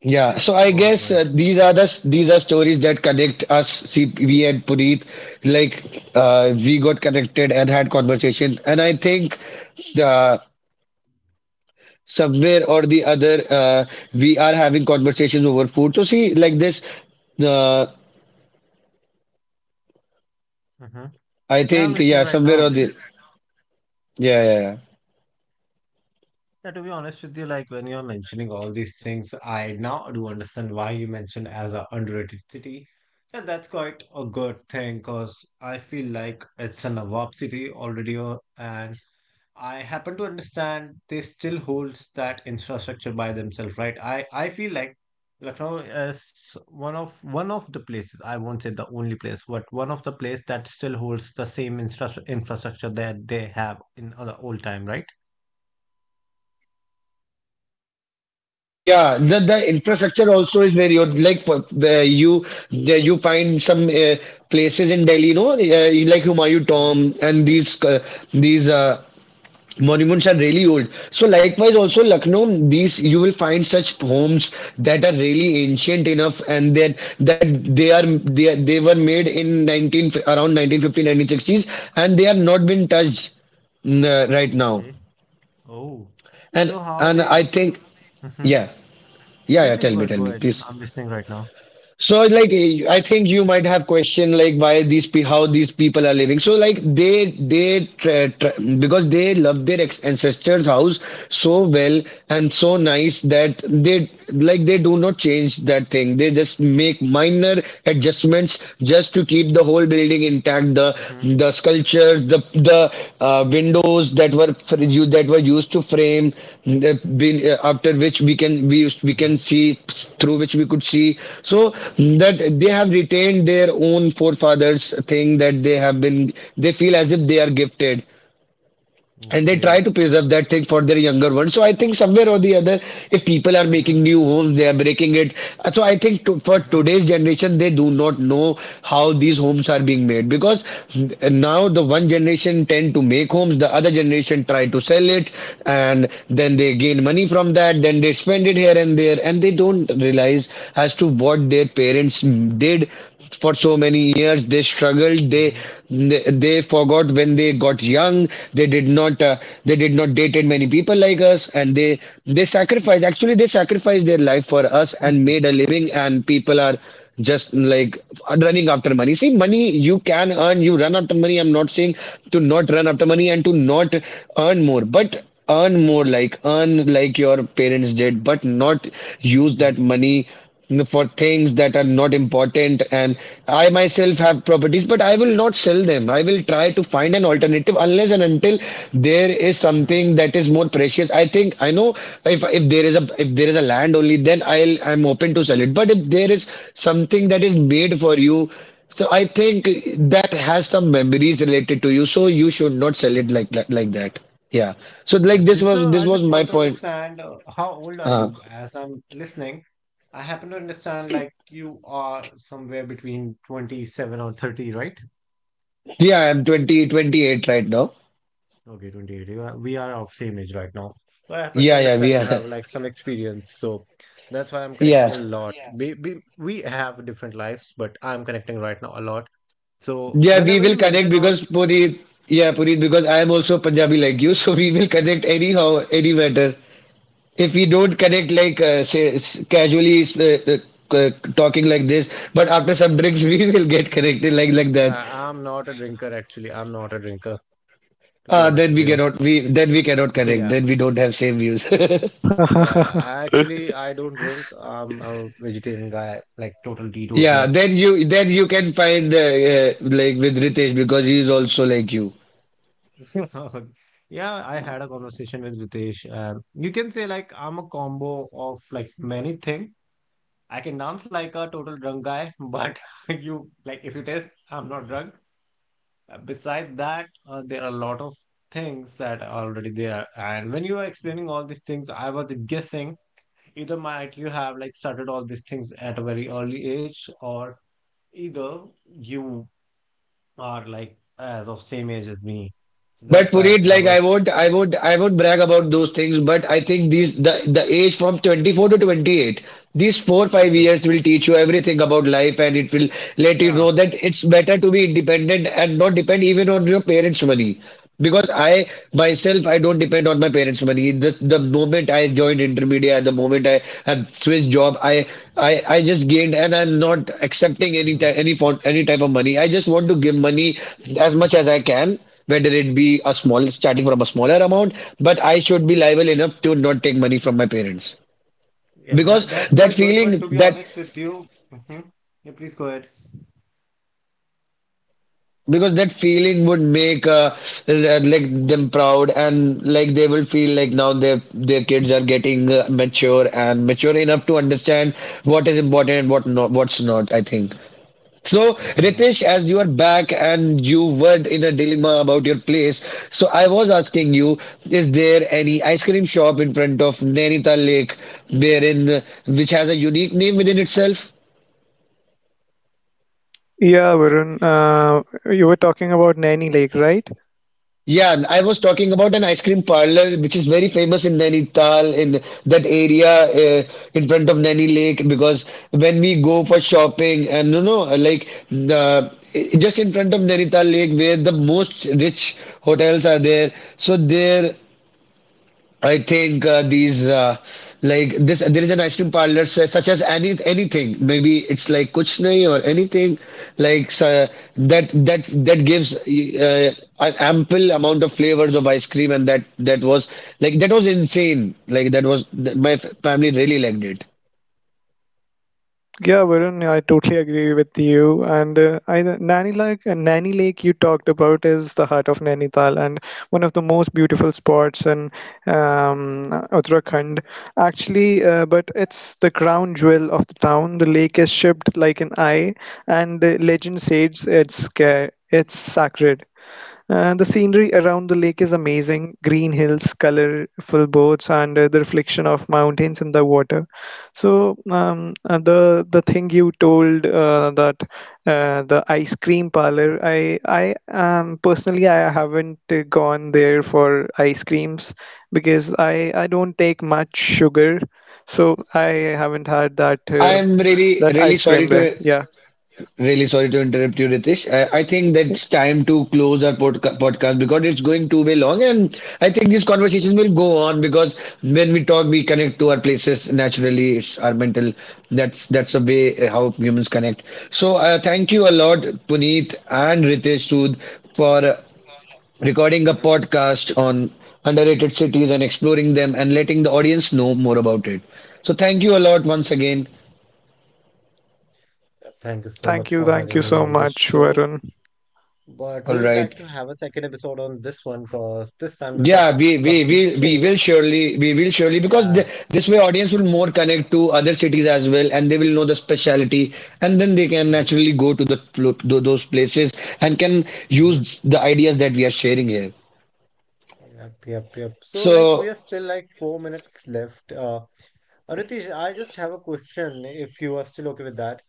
Speaker 1: Yeah, so
Speaker 3: Yep.
Speaker 1: I
Speaker 3: All
Speaker 1: guess,
Speaker 3: right.
Speaker 1: these are the these are stories that connect us. See, we and Puneet, like, we got connected and had conversation, and I think, uh, somewhere or the other, we are having conversations over food. So see, like this, uh,
Speaker 3: Mm-hmm.
Speaker 1: I
Speaker 3: Yeah, I'm
Speaker 1: think, yeah,
Speaker 3: listening right
Speaker 1: somewhere
Speaker 3: now.
Speaker 1: or the, yeah.
Speaker 3: Yeah, to be honest with you, like when you're mentioning all these things, I now do understand why you mentioned as a underrated city. Yeah, that's quite a good thing because I feel like it's an above city already, and I happen to understand they still holds that infrastructure by themselves, right? I feel like Lucknow is one of the places. I won't say the only place, but one of the place that still holds the same infrastructure that they have in other old time, right?
Speaker 1: Yeah, the infrastructure also is very good. Like, where you there you find some, places in Delhi, you know, like Humayun
Speaker 3: Mm-hmm.
Speaker 1: Tomb, and these monuments are really old. So likewise, also Lucknow, these you will find such homes that are really ancient enough, and that they are they were made in around 1950 1960s, and they have not been touched, right now.
Speaker 3: Okay. Oh,
Speaker 1: And
Speaker 3: so how
Speaker 1: and
Speaker 3: they?
Speaker 1: I think,
Speaker 3: Mm-hmm.
Speaker 1: yeah. Yeah,
Speaker 3: No,
Speaker 1: yeah,
Speaker 3: please go ahead.
Speaker 1: Tell
Speaker 3: Go
Speaker 1: me,
Speaker 3: ahead.
Speaker 1: please.
Speaker 3: I'm listening right now.
Speaker 1: So like, I think you might have question like why these pe how these people are living. So like because they love their ancestors' house so well and so nice, that they, like, they do not change that thing. They just make minor adjustments just to keep the whole building intact. The
Speaker 3: Mm-hmm.
Speaker 1: the sculptures, the, windows that were you that were used to frame, that been, after which we can we used, we can
Speaker 3: Mm-hmm.
Speaker 1: see, through which we could see, so that they have retained their own forefathers thing, that they have been, they feel as if they are gifted, and they try
Speaker 3: Okay.
Speaker 1: to preserve that thing for their younger ones. So I think somewhere or the other, if people are
Speaker 3: Mm-hmm.
Speaker 1: making new homes, they are breaking it. So I think to, for
Speaker 3: Mm-hmm.
Speaker 1: today's generation, they do not know how these homes are being made, because, now the one generation tend to make homes, the other generation try to sell it, and then they gain money from that. Then they spend it here and there, and they don't realize as to what their parents did. For so many years they struggled.
Speaker 3: Mm-hmm.
Speaker 1: they
Speaker 3: Mm-hmm.
Speaker 1: they, they forgot. When they got young they did not uh, they did not dated many people like us, and they sacrificed. Actually they sacrificed their life for us and
Speaker 3: Mm-hmm.
Speaker 1: made a living, and people are just like running after money. See, money you can earn, you run after money. I'm not saying to not run after money and to not earn more, but earn more like earn like your parents did, but not use that money for things that are not important. And I myself have properties, but I will not sell them. I will try to find an alternative unless and until there is something that is more precious. I think I know, if there is a, if there is a land, only then I'm open to sell it. But if there is something that is made for you, so I think that has some memories related to you, so you should not sell it
Speaker 3: Mm-hmm.
Speaker 1: like that, yeah. So like this
Speaker 3: Definitely.
Speaker 1: was
Speaker 3: So
Speaker 1: this
Speaker 3: I
Speaker 1: was
Speaker 3: just
Speaker 1: my
Speaker 3: want to
Speaker 1: point.
Speaker 3: understand how old are
Speaker 1: uh,
Speaker 3: you? As I'm listening, I happen to understand like you are somewhere between 27 or 30, right?
Speaker 1: yeah, I'm 28 right now.
Speaker 3: Okay, 28. You are, we are of same age right now. So I happen to
Speaker 1: Yeah, yeah, we
Speaker 3: understand you
Speaker 1: are.
Speaker 3: have like some experience. So that's why I'm connecting
Speaker 1: Yeah.
Speaker 3: a lot. Yeah. We have different lives, but I'm connecting right now a lot. So
Speaker 1: Yeah, we
Speaker 3: whenever
Speaker 1: will
Speaker 3: you
Speaker 1: connect
Speaker 3: mention all,
Speaker 1: because Puneet, yeah, Puneet, because I am also Punjabi like you, so we will connect anyhow, any matter. If we don't connect like say casually, uh, talking like this, but after some drinks we will get connected like that.
Speaker 3: I'm not a drinker actually. I'm not a drinker, to be honest
Speaker 1: Then
Speaker 3: with
Speaker 1: we
Speaker 3: you.
Speaker 1: cannot we then we cannot connect.
Speaker 3: Yeah.
Speaker 1: Then we don't have same views.
Speaker 3: Yeah, yeah. I actually I don't drink. I'm a vegetarian guy, like total teetotaler.
Speaker 1: Yeah, then you can find like with Ritesh because he is also like you.
Speaker 3: Yeah, I had a conversation with Ritesh. You can say like I'm a combo of like many things. I can dance like a total drunk guy, but you like if you taste, I'm not drunk. Beside that, there are a lot of things that are already there. And when you were explaining all these things, I was guessing either might you have like started all these things at a very early age or either you are like as of same age as me. So
Speaker 1: But
Speaker 3: that's why
Speaker 1: Puneet,
Speaker 3: I
Speaker 1: like
Speaker 3: was
Speaker 1: I won't brag about those things. But I think these the age from 24 to 28, these 4 5 years will teach you everything about life, and it will let you
Speaker 3: yeah.
Speaker 1: know that it's better to be independent and not depend even on your parents' money. Because I myself, I don't depend on my parents' money. The moment I joined Intermedia, the moment I have switched job, I just gained, and I'm not accepting any
Speaker 3: Hmm.
Speaker 1: ti- any fo- any type of money. I just want to give money as much as I can, whether it be a small, starting from a smaller amount, but I should be liable enough to not take money from my parents.
Speaker 3: Yeah,
Speaker 1: because
Speaker 3: that that's
Speaker 1: that
Speaker 3: quite good. But
Speaker 1: feeling
Speaker 3: to be
Speaker 1: that
Speaker 3: honest with you, hmm, yeah, please go ahead.
Speaker 1: because that feeling would make like them proud, and like they will feel like now their kids are getting mature and mature enough to understand what is important and what's not, I think. So,
Speaker 3: Mm.
Speaker 1: Ritesh, as you are back and you were in a dilemma about your place, so I was asking you, is there any ice cream shop in front of Nainital Lake, wherein which has a unique name within itself?
Speaker 2: Yeah, Varun. You were talking about Nanny Lake, right?
Speaker 1: Yeah, and I was talking about an ice cream parlor which is very famous in Nainital, in that area, in front of Naini Lake, because when we go for shopping and, you know, like the, just in front of Nainital Lake, where the most rich hotels are there, so there I think these like this, there is an ice cream parlor, say, such as any anything, maybe it's like kuch nahi or anything like so, that that gives an ample amount of flavors of ice cream, and that was like that was insane, like that was my family really liked it.
Speaker 2: Yeah, Varun. I totally agree with you. Nanny Lake, Nanny Lake, you talked about is the heart of Nainital and one of the most beautiful spots in um, Uttarakhand. Actually, but it's the crown jewel of the town. The lake is shaped like an eye, and the legend says it's sacred. The scenery around the lake is amazing. Green hills, colorful boats, and the reflection of mountains in the water. The thing you told that the ice cream parlor, I personally I haven't gone there for ice creams because I don't take much sugar, so I haven't had that
Speaker 1: I am really
Speaker 2: that
Speaker 1: really
Speaker 2: ice cream
Speaker 1: sorry
Speaker 2: there.
Speaker 1: to.
Speaker 2: Yeah.
Speaker 1: Really sorry to interrupt you, Ritesh. I think that's time to close our podcast because it's going too way long, and I think these conversations will go on because when we talk, we connect to our places naturally. It's our mental. That's the way how humans connect. So thank you a lot, Puneet and Ritesh Sood, for recording a
Speaker 3: Hmm.
Speaker 1: podcast on underrated cities and exploring them and letting the audience know more about it. So thank you a lot once again.
Speaker 3: Thank you so much for
Speaker 2: Thank
Speaker 3: having
Speaker 2: you
Speaker 3: me
Speaker 2: so
Speaker 3: on this
Speaker 2: much,
Speaker 3: show.
Speaker 2: Varun.
Speaker 3: But we
Speaker 1: All
Speaker 3: would
Speaker 1: right.
Speaker 3: like to have a second episode on this one because this time the
Speaker 1: Yeah,
Speaker 3: topic
Speaker 1: we
Speaker 3: got
Speaker 1: we
Speaker 3: a bit
Speaker 1: we we will
Speaker 3: changed.
Speaker 1: surely, we will surely, because th
Speaker 3: Yeah.
Speaker 1: this way audience will more connect to other cities as well, and they will know the speciality, and then they can
Speaker 3: Mhm,
Speaker 1: naturally go to those places and can
Speaker 3: mhm.
Speaker 1: use the ideas that we are sharing here.
Speaker 3: Yep, yep, yep. So like we
Speaker 1: So
Speaker 3: are still like 4 minutes left. Ritesh, I just have a question if you are still okay with that.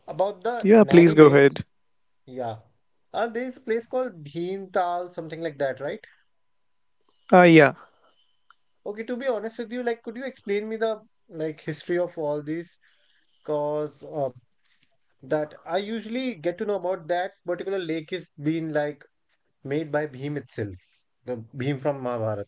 Speaker 3: About the
Speaker 2: Yeah,
Speaker 3: Nani
Speaker 2: please go
Speaker 3: Lake.
Speaker 2: ahead.
Speaker 3: Yeah. There is a place called Bhimtal, something like that, right?
Speaker 2: Yeah.
Speaker 3: Okay, to be honest with you, like could you explain me the like history of all these? Because that I usually get to know about that particular lake is being like made by Bhim itself, the Bhim from Mahabharata.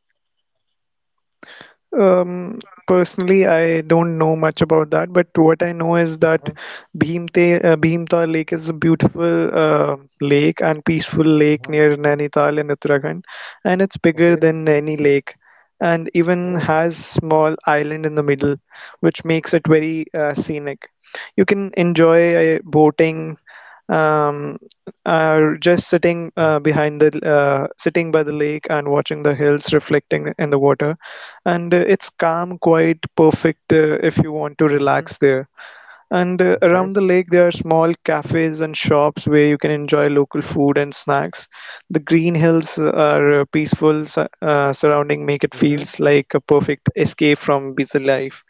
Speaker 2: Um, personally, I don't know much about that, but what I know is that
Speaker 3: Uh-huh,
Speaker 2: Bhimtal Lake is a beautiful lake and peaceful lake
Speaker 3: uh-huh.
Speaker 2: near Nainital in Uttarakhand, and it's bigger
Speaker 3: Okay.
Speaker 2: than any lake, and even
Speaker 3: Oh.
Speaker 2: has small island in the middle, which makes it very scenic. You can enjoy boating, um, just sitting behind the sitting by the lake and watching the hills reflecting in the water and it's calm quite perfect if you want to
Speaker 3: Mm-hmm.
Speaker 2: relax there and
Speaker 3: Okay.
Speaker 2: around the lake there are small cafes and shops where you can enjoy local food and snacks. The green hills are peaceful surrounding make it
Speaker 3: Mm-hmm.
Speaker 2: feels like a perfect escape from busy life,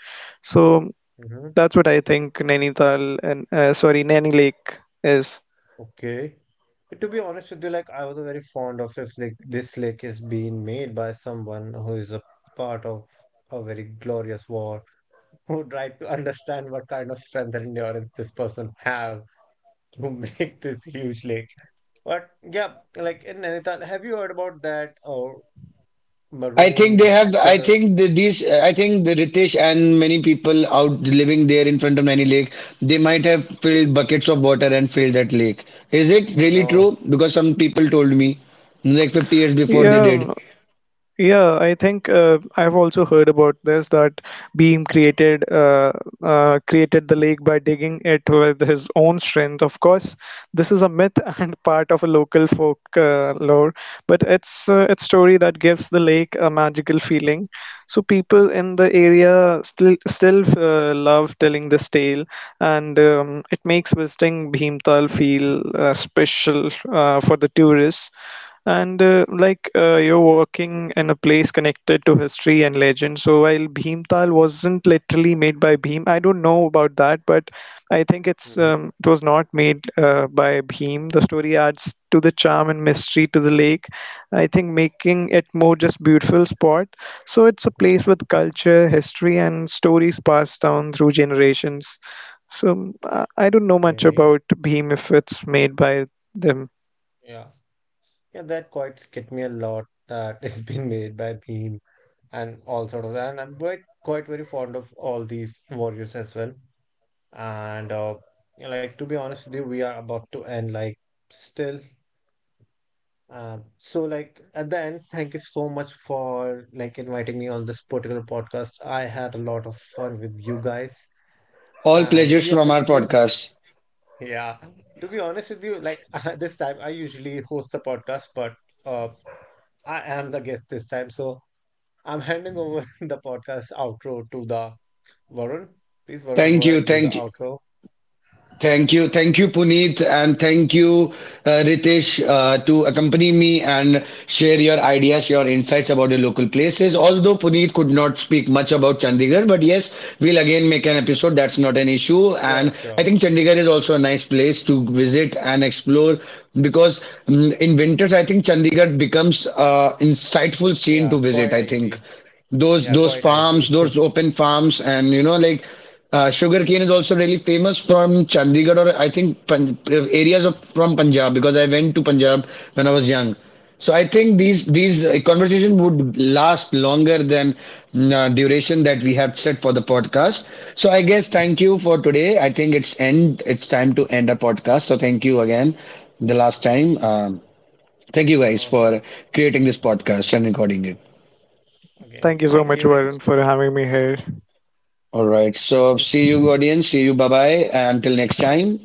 Speaker 2: so
Speaker 3: Mm-hmm.
Speaker 2: that's what I think Nainital and sorry, Naini Lake is.
Speaker 3: Okay. To be honest with you, like I was very fond of if like this lake is being made by someone who is a part of a very glorious war, who tried to understand what kind of strength and endurance this person have to make this huge lake. But yeah, like in Nainital, have you heard about that
Speaker 1: I think they
Speaker 3: maroon
Speaker 1: have. I
Speaker 3: color?
Speaker 1: think the, these. I think the Ritesh and many people out living there in front of Naini Lake, they might have filled buckets of water and filled that lake. Is it
Speaker 3: Oh
Speaker 1: really
Speaker 3: no.
Speaker 1: true? Because some people told me, like 50 years before they did.
Speaker 2: Yeah. Yeah, I think I've also heard about this that Beam created created the lake by digging it with his own strength. Of course, this is a myth and part of a local folk lore, but it's story that gives the lake a magical feeling. So people in the area still love telling this tale, and it makes visiting Bhimtal feel special for the tourists and you're working in a place connected to history and legend. So while Bhimtal wasn't literally made by Bhim, I don't know about that, but I think
Speaker 3: Hmm.
Speaker 2: it was not made by Bhim. The story adds to the charm and mystery to the lake, I think, making it more just beautiful spot. So it's a
Speaker 3: Hmm.
Speaker 2: place with culture history and stories passed down through generations. So I don't know much
Speaker 3: Okay.
Speaker 2: about Bhim if it's made by them.
Speaker 3: Yeah. Yeah, that quite scared me a lot that it's been made by Bhim and all sort of that. And I'm quite very fond of all these warriors as well. And yeah, like to be honest with you, we are about to end like still. So like at the end, thank you so much for like inviting me on this particular podcast. I had a lot of fun with you guys.
Speaker 1: All
Speaker 3: And to
Speaker 1: pleasures
Speaker 3: be
Speaker 1: from
Speaker 3: honest
Speaker 1: our
Speaker 3: with you,
Speaker 1: podcast.
Speaker 3: yeah, to be honest with you, like this time I usually host the podcast, but uh, I am the guest this time, so I'm handing over the podcast outro to the Varun. Please, Varun,
Speaker 1: Thank
Speaker 3: go
Speaker 1: you.
Speaker 3: ahead do the
Speaker 1: Thank you.
Speaker 3: outro.
Speaker 1: Thank you. Thank you, Puneet, and thank you, Ritesh, to accompany me and share your ideas, your insights about the local places. Although Puneet could not speak much about Chandigarh, but yes, we'll again make an episode. That's not an issue. And
Speaker 3: Sure,
Speaker 1: I
Speaker 3: sure.
Speaker 1: think Chandigarh is also a nice place to visit and explore because mm, in winters, I think Chandigarh becomes insightful scene to
Speaker 3: Yeah,
Speaker 1: visit,
Speaker 3: quite
Speaker 1: I
Speaker 3: I
Speaker 1: think
Speaker 3: see.
Speaker 1: those
Speaker 3: Yeah,
Speaker 1: those
Speaker 3: quite I
Speaker 1: farms,
Speaker 3: see.
Speaker 1: those open farms, and you know, like sugar cane is also really famous from Chandigarh or I think areas of from Punjab, because I went to Punjab when I was young. So I think these conversation would last longer than mm, duration that we have set for the podcast. So I guess thank you for today. I think it's end. It's time to end our podcast. So thank you again, the last time. Thank you guys
Speaker 3: Okay,
Speaker 1: for creating this podcast and recording it.
Speaker 3: okay.
Speaker 2: Thank you so
Speaker 3: Thank
Speaker 2: much,
Speaker 3: you.
Speaker 2: Varun, for having me here.
Speaker 1: All right. So see you, audience. See you. Bye bye. Until next time.